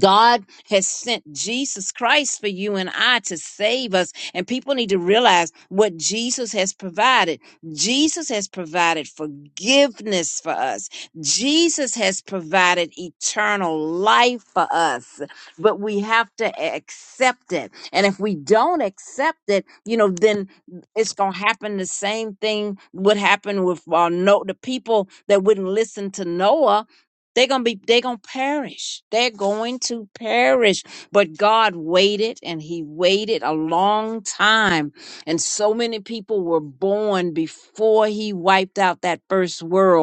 Speaker 2: God has sent Jesus Christ for you and I to save us. And people need to realize what Jesus has provided. Jesus has provided forgiveness for us. Jesus has provided eternal life for us. But we have to accept it. And if we don't accept it, you know, then it's going to happen the same thing would happen with uh, no, the people that wouldn't listen to Noah they're gonna be they're gonna perish. They're going to perish. But God waited and He waited a long time. And so many people were born before He wiped out that first world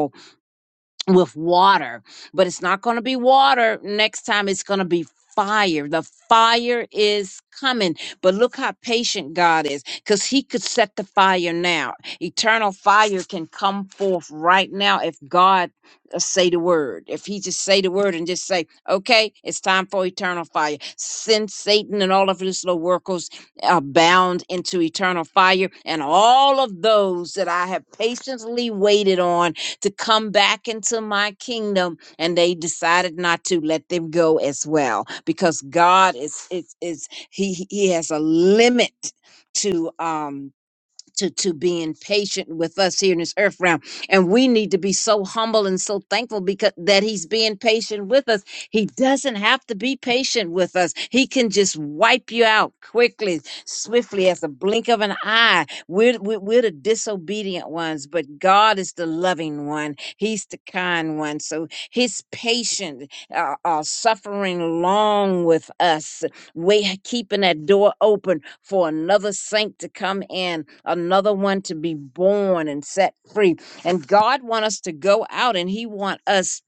Speaker 2: with water, but it's not going to be water next time. It's going to be fire. The fire is coming. But look how patient God is because He could set the fire now. Eternal fire can come forth right now if God uh, say the word if he just say the word and just say okay it's time for eternal fire send satan and all of his little workers are bound into eternal fire and all of those that i have patiently waited on to come back into my kingdom and they decided not to let them go as well because god is is, is he he has a limit to um to to being patient with us here in this earth realm and we need to be so humble and so thankful because that he's being patient with us he doesn't have to be patient with us he can just wipe you out quickly swiftly as a blink of an eye we're we're, we're the disobedient ones but god is the loving one he's the kind one so his patient uh, uh suffering long with us Wait, keeping that door open for another saint to come in, another one to be born and set free. And God wants us to go out and He wants us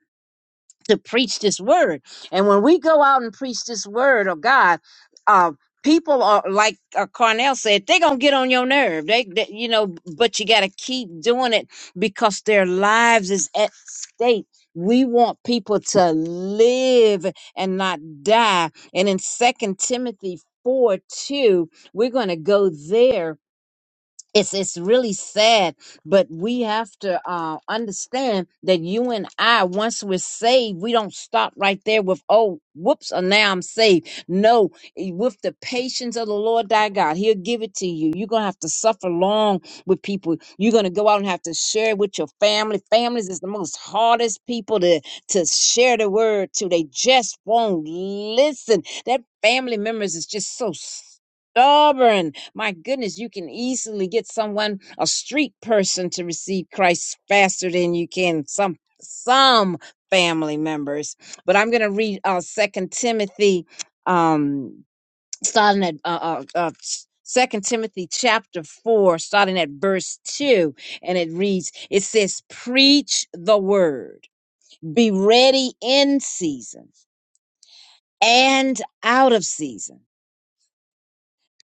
Speaker 2: to preach this word. And when we go out and preach this word of God, uh, people are like uh, Carnell said, they're gonna get on your nerve. They, they, you know, but you gotta keep doing it because their lives is at stake. We want people to live and not die. And in Second Timothy four two, we're gonna go there it's it's really sad but we have to uh understand that you and i once we're saved we don't stop right there with oh whoops and now i'm saved no eh, with the patience of the lord thy god he'll give it to you you're gonna have to suffer long with people you're gonna go out and have to share with your family families is the most hardest people to to share the word to they just won't listen that family members is just so stubborn. My goodness, you can easily get someone, a street person, to receive Christ faster than you can some some family members. But I'm going to read uh, Second Timothy, um, starting at uh, uh, uh, Second Timothy chapter four, starting at verse two, and it reads: It says, "Preach the word. Be ready in season and out of season."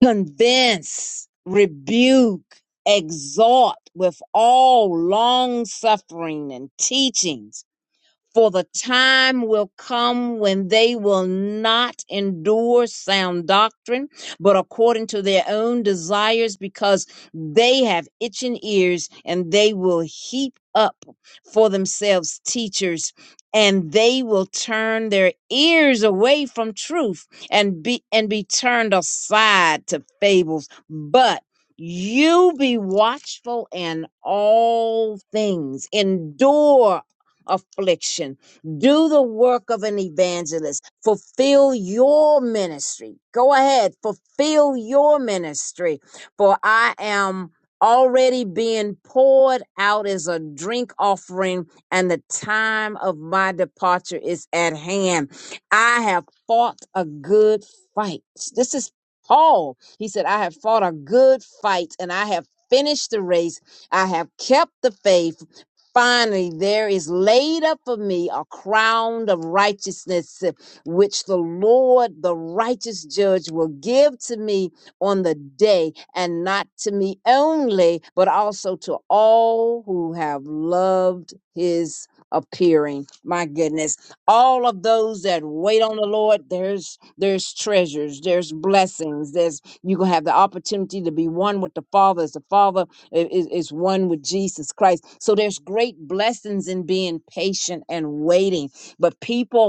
Speaker 2: convince, rebuke, exhort with all long suffering and teachings for the time will come when they will not endure sound doctrine, but according to their own desires, because they have itching ears, and they will heap up for themselves teachers, and they will turn their ears away from truth and be and be turned aside to fables. But you be watchful in all things, endure affliction. Do the work of an evangelist. Fulfill your ministry. Go ahead, fulfill your ministry. For I am already being poured out as a drink offering, and the time of my departure is at hand. I have fought a good fight. This is Paul. He said, I have fought a good fight and I have finished the race. I have kept the faith. Finally, there is laid up for me a crown of righteousness, uh, which the Lord, the righteous judge, will give to me on the day, and not to me only, but also to all who have loved his appearing. My goodness. All of those that wait on the Lord, there's there's treasures, there's blessings, there's you're gonna have the opportunity to be one with the Father as the Father i- is, is one with Jesus Christ. So there's great blessings in being patient and waiting. But people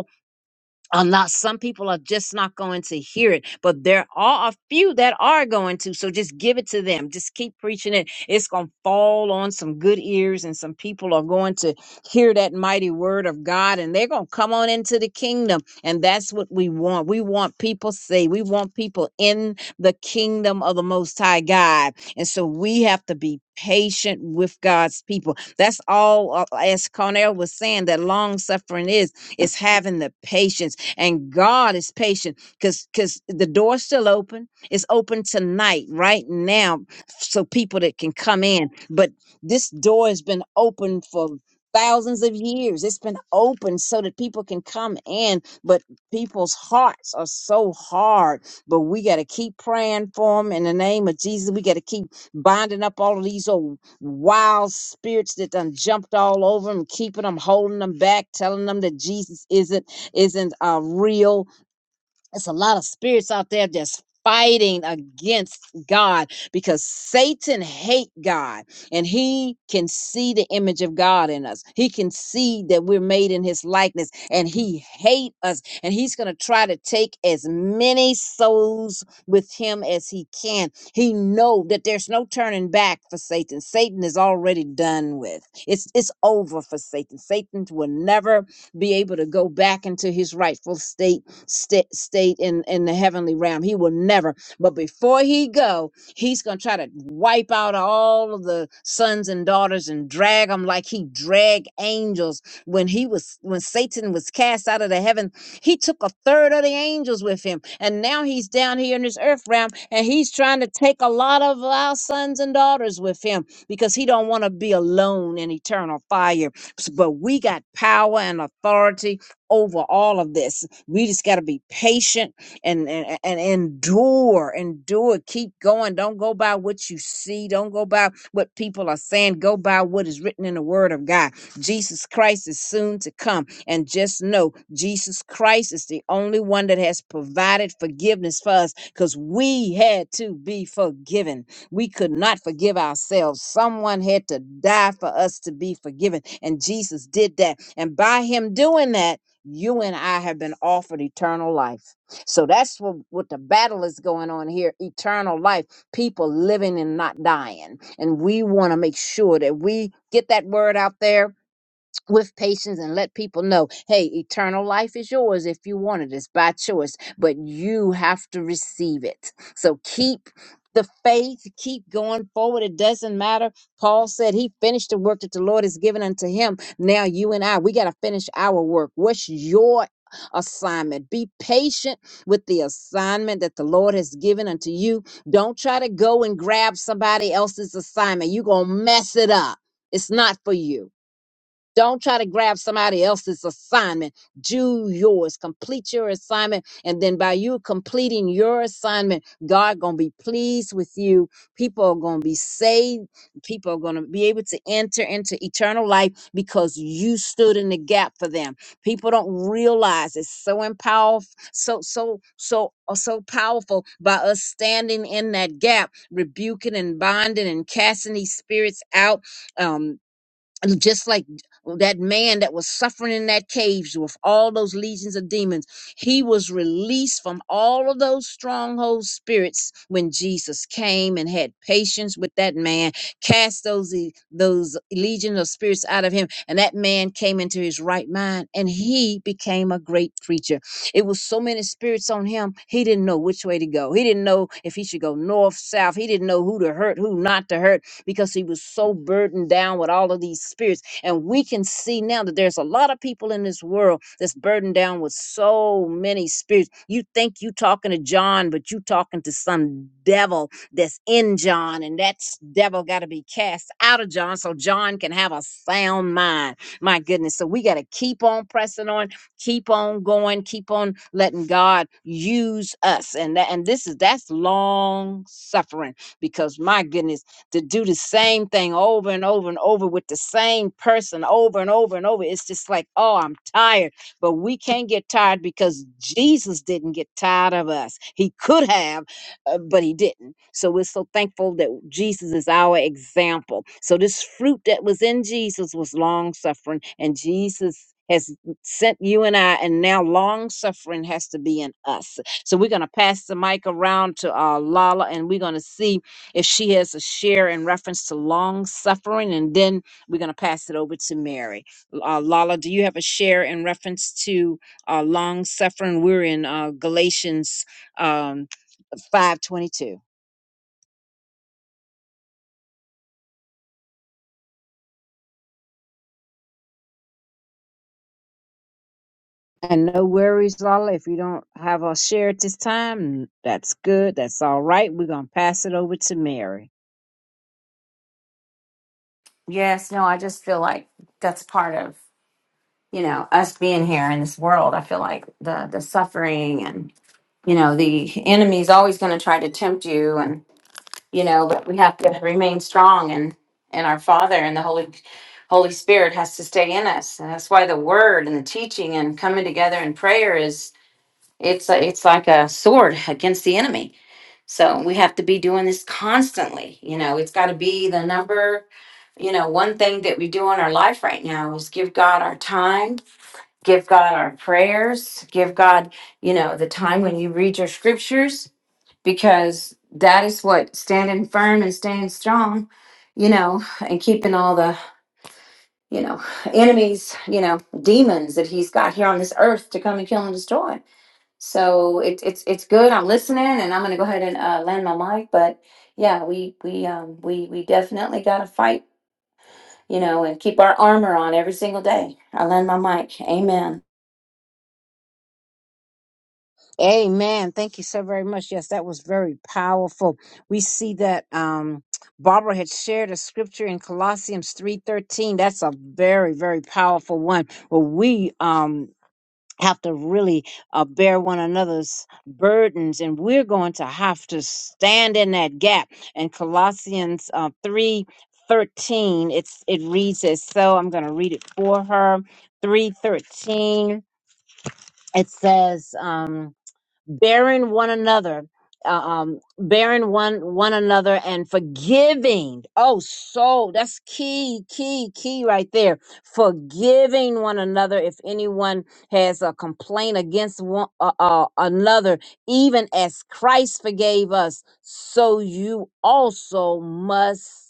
Speaker 2: I'm not, some people are just not going to hear it, but there are a few that are going to. So just give it to them. Just keep preaching it. It's going to fall on some good ears, and some people are going to hear that mighty word of God, and they're going to come on into the kingdom. And that's what we want. We want people saved. We want people in the kingdom of the Most High God. And so we have to be patient with God's people. That's all, uh, as Cornell was saying, that long suffering is, is having the patience and God is patient because because the door's still open. It's open tonight, right now, so people that can come in. But this door has been open for thousands of years. It's been open so that people can come in, but people's hearts are so hard. But we got to keep praying for them in the name of Jesus. We got to keep binding up all of these old wild spirits that done jumped all over them, keeping them, holding them back, telling them that Jesus isn't isn't uh, real it's a lot of spirits out there that's fighting against God because Satan hate God and he can see the image of God in us. He can see that we're made in his likeness and he hate us and he's going to try to take as many souls with him as he can. He know that there's no turning back for Satan. Satan is already done with. It's it's over for Satan. Satan will never be able to go back into his rightful state sta- state in in the heavenly realm. He will never. But before he go, he's gonna try to wipe out all of the sons and daughters and drag them like he dragged angels when he was when Satan was cast out of the heaven. He took a third of the angels with him, and now he's down here in this earth realm, and he's trying to take a lot of our sons and daughters with him because he don't want to be alone in eternal fire. S- But we got power and authority over all of this. We just got to be patient and, and and endure, endure. Keep going. Don't go by what you see. Don't go by what people are saying. Go by what is written in the Word of God. Jesus Christ is soon to come, and just know Jesus Christ is the only one that has provided forgiveness for us, because we had to be forgiven. We could not forgive ourselves. Someone had to die for us to be forgiven, and Jesus did that. And by Him doing that you and I have been offered eternal life. So that's what, what the battle is going on here eternal life, people living and not dying. And we want to make sure that we get that word out there with patience and let people know hey eternal life is yours if you want it it's by choice but you have to receive it so keep the faith keep going forward it doesn't matter paul said he finished the work that the lord has given unto him now you and i we got to finish our work what's your assignment be patient with the assignment that the lord has given unto you don't try to go and grab somebody else's assignment you're gonna mess it up it's not for you don't try to grab somebody else's assignment. Do yours. Complete your assignment. And then by you completing your assignment, God gonna be pleased with you. People are gonna be saved. People are gonna be able to enter into eternal life because you stood in the gap for them. People don't realize it's so empower, so so so uh, so powerful by us standing in that gap, rebuking and binding and casting these spirits out. Um, just like that man that was suffering in that cave with all those legions of demons, he was released from all of those stronghold spirits when Jesus came and had patience with that man, cast those e- those legion of spirits out of him, and that man came into his right mind, and he became a great preacher. It was so many spirits on him, he didn't know which way to go. He didn't know if he should go north, south. He didn't know who to hurt, who not to hurt because he was so burdened down with all of these spirits. And we can see now that there's a lot of people in this world that's burdened down with so many spirits. You think you talking to John, but you talking to some devil that's in John, and that s- devil got to be cast out of John so John can have a sound mind. My goodness. So we got to keep on pressing on, keep on going, keep on letting God use us. And that, and this is that's long suffering because my goodness to do the same thing over and over and over with the same person over and over and over. It's just like, oh, I'm tired. But we can't get tired because Jesus didn't get tired of us. He could have, uh, but he didn't. So we're so thankful that Jesus is our example. So this fruit that was in Jesus was long suffering, and Jesus has sent you and I, and now long suffering has to be in us. So we're going to pass the mic around to uh, Lala, and we're going to see if she has a share in reference to long suffering, and then we're going to pass it over to Mary. Uh, Lala, do you have a share in reference to uh, long suffering? We're in uh, Galatians um, five twenty two. And no worries, Lala. If you don't have a share at this time, that's good. That's all right. We're going to pass it over to Mary.
Speaker 4: Yes, no, I just feel like that's part of, you know, us being here in this world. I feel like the the suffering and, you know, the enemy's always going to try to tempt you and, you know, but we have to remain strong and and our Father and the Holy Holy Spirit has to stay in us. And that's why the word and the teaching and coming together in prayer is it's a, it's like a sword against the enemy. So we have to be doing this constantly. You know, it's got to be the number you know, one thing that we do in our life right now is give God our time, give God our prayers, give God, you know, the time when you read your scriptures, because that is what standing firm and staying strong, you know, and keeping all the, you know, enemies, you know, demons that he's got here on this earth to come and kill and destroy. So it, it's it's good. I'm listening, and I'm going to go ahead and uh, land my mic. But yeah, we we um, we we definitely got to fight you know, and keep our armor on every single day. I lend my mic. Amen.
Speaker 2: Amen. Thank you so very much. Yes, that was very powerful. We see that um, Barbara had shared a scripture in Colossians three thirteen. That's a very very powerful one. Where we um have to really uh, bear one another's burdens, and we're going to have to stand in that gap. And Colossians uh, three thirteen, it's it reads as so. I'm going to read it for her. Three thirteen. It says. Um, bearing one another uh, um bearing one one another and forgiving oh so that's key key key right there forgiving one another if anyone has a complaint against one uh, uh, another even as christ forgave us so you also must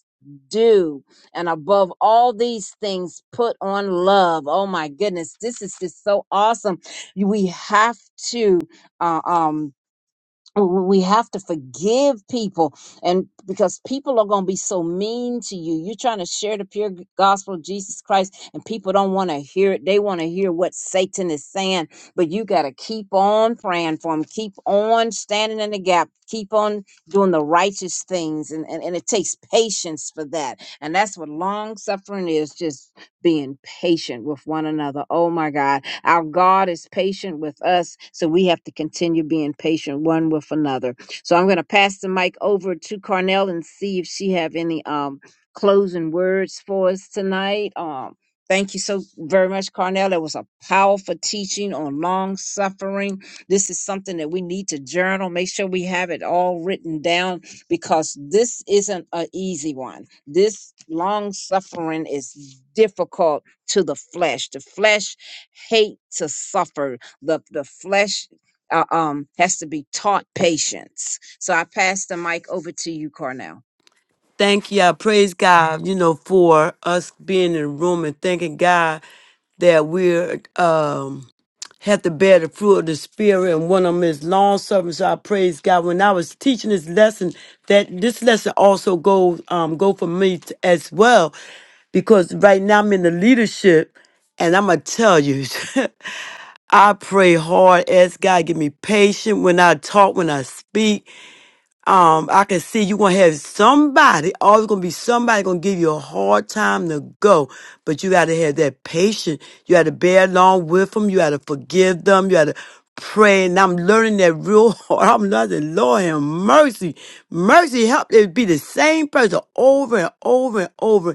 Speaker 2: do and above all these things put on love oh my goodness this is just so awesome we have to uh, um we have to forgive people and because people are going to be so mean to you you're trying to share the pure gospel of jesus christ and people don't want to hear it they want to hear what satan is saying but you got to keep on praying for them keep on standing in the gap keep on doing the righteous things and, and, and it takes patience for that and that's what long suffering is just being patient with one another oh my god our God is patient with us, so we have to continue being patient one with another. So I'm going to pass the mic over to Carnell and see if she have any um closing words for us tonight. Um, thank you so very much, Carnell. That was a powerful teaching on long suffering. This is something that we need to journal. Make sure we have it all written down because this isn't an easy one. This long suffering is difficult to the flesh. The flesh hate to suffer. The the flesh uh, um has to be taught patience. So I pass the mic over to you, Cornell.
Speaker 3: Thank you. I praise God, you know, for us being in the room and thanking God that we're um have to bear the fruit of the spirit and one of them is long suffering. So I praise God. When I was teaching this lesson, that this lesson also goes um go for me t- as well. Because right now I'm in the leadership and I'm gonna tell you, [LAUGHS] I pray hard, ask God give me patience when I talk, when I speak um, I can see you gonna have somebody, always gonna be somebody gonna give you a hard time to go. But you gotta have that patience. You gotta bear along with them. You gotta forgive them. You gotta pray. And I'm learning that real hard. [LAUGHS] I'm learning, Lord have mercy. Mercy help it be the same person over and over and over.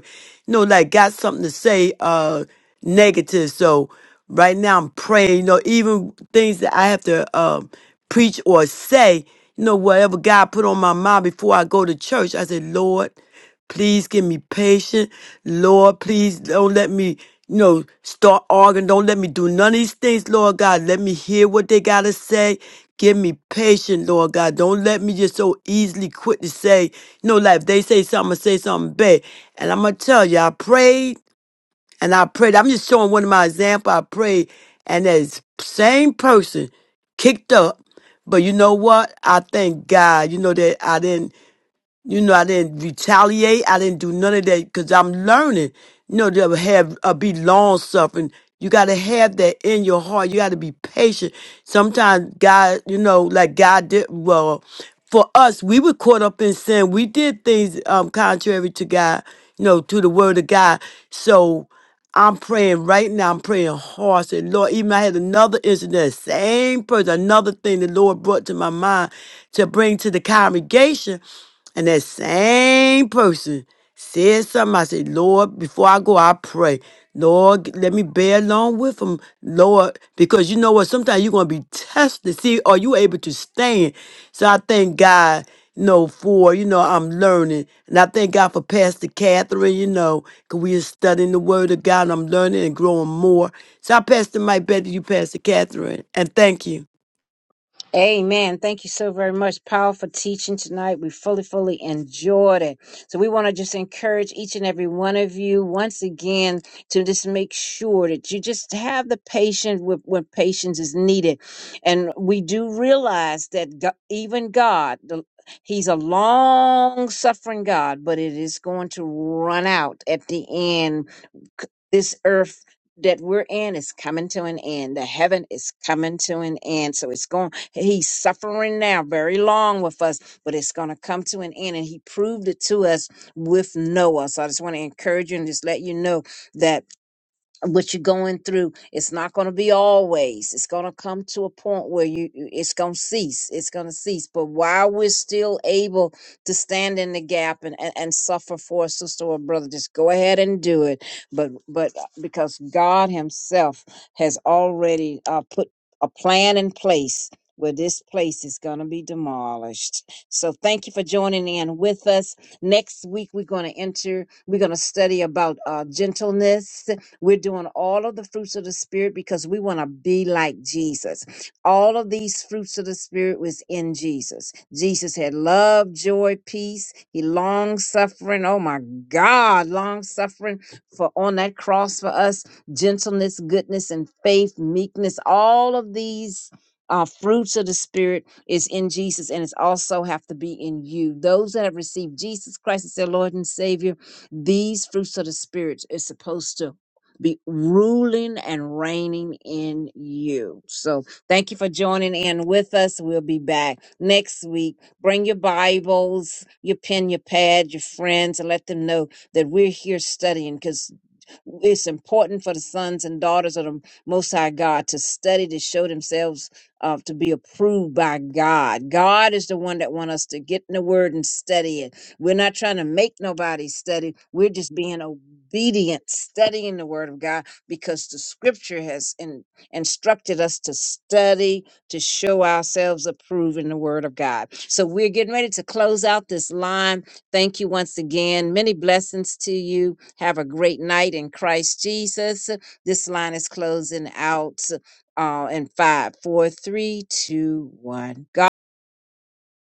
Speaker 3: You know, like got something to say. Uh negative. So right now I'm praying, you know, even things that I have to um, preach or say, you know, whatever God put on my mind before I go to church, I say, Lord, please give me patience. Lord, please don't let me, you know, start arguing. Don't let me do none of these things, Lord God. Let me hear what they got to say. Give me patience, Lord God. Don't let me just so easily quit to say, you know, like if they say something, I say something bad. And I'm going to tell you, I prayed and I prayed. I'm just showing one of my example. I prayed, and that same person kicked up. But you know what? I thank God. You know that I didn't. You know I didn't retaliate. I didn't do none of that because I'm learning. You know to have uh, be long suffering. You got to have that in your heart. You got to be patient. Sometimes God, you know, like God did. Well, for us, we were caught up in sin. We did things um contrary to God. You know, to the word of God. So. I'm praying right now. I'm praying hard. Say, Lord, even I had another incident, same person, another thing the Lord brought to my mind to bring to the congregation. And that same person said something. I said, Lord, before I go, I pray. Lord, g- let me bear along with them, Lord, because you know what? Sometimes you're going to be tested. See, are you able to stand? So I thank God you know, for, you know, I'm learning. And I thank God for Pastor Catherine, you know, because we are studying the Word of God and I'm learning and growing more. So I pass the mic back to you, Pastor Catherine, and thank you.
Speaker 2: Amen. Thank you so very much. Powerful teaching tonight. We fully, fully enjoyed it. So we want to just encourage each and every one of you once again to just make sure that you just have the patience with when patience is needed. And we do realize that Go- even God, the, He's a long suffering God, but it is going to run out at the end c- this earth that we're in is coming to an end. The heaven is coming to an end. So it's going, he's suffering now very long with us, but it's going to come to an end. And he proved it to us with Noah. So I just want to encourage you and just let you know that what you're going through it's not going to be always it's going to come to a point where you you- it's going to cease it's going to cease but while we're still able to stand in the gap and, and and suffer for a sister or brother just go ahead and do it but but uh, because god himself has already uh, put a plan in place where this place is going to be demolished. So, thank you for joining in with us. Next week, we're going to enter, we're going to study about uh, gentleness we're doing all of the fruits of the Spirit because we want to be like Jesus. All of these fruits of the Spirit was in Jesus. Jesus had love, joy, peace. He long suffering. Oh my God, long suffering for on that cross for us. Gentleness, goodness, and faith, meekness. All of these uh, fruits of the Spirit is in Jesus, and it's also have to be in you. Those that have received Jesus Christ as their Lord and Savior, these fruits of the Spirit is supposed to be ruling and reigning in you. So thank you for joining in with us. We'll be back next week. Bring your Bibles, your pen, your pad, your friends, and let them know that we're here studying because it's important for the sons and daughters of the Most High God to study to show themselves uh, to be approved by God. God is the one that wants us to get in the Word and study it we're not trying to make nobody study. We're just being obedient, studying the word of God because the scripture has in, instructed us to study, to show ourselves approved in the word of God. So we're getting ready to close out this line. Thank you once again. Many blessings to you. Have a great night in Christ Jesus. This line is closing out uh, in five, four, three, two, one. God.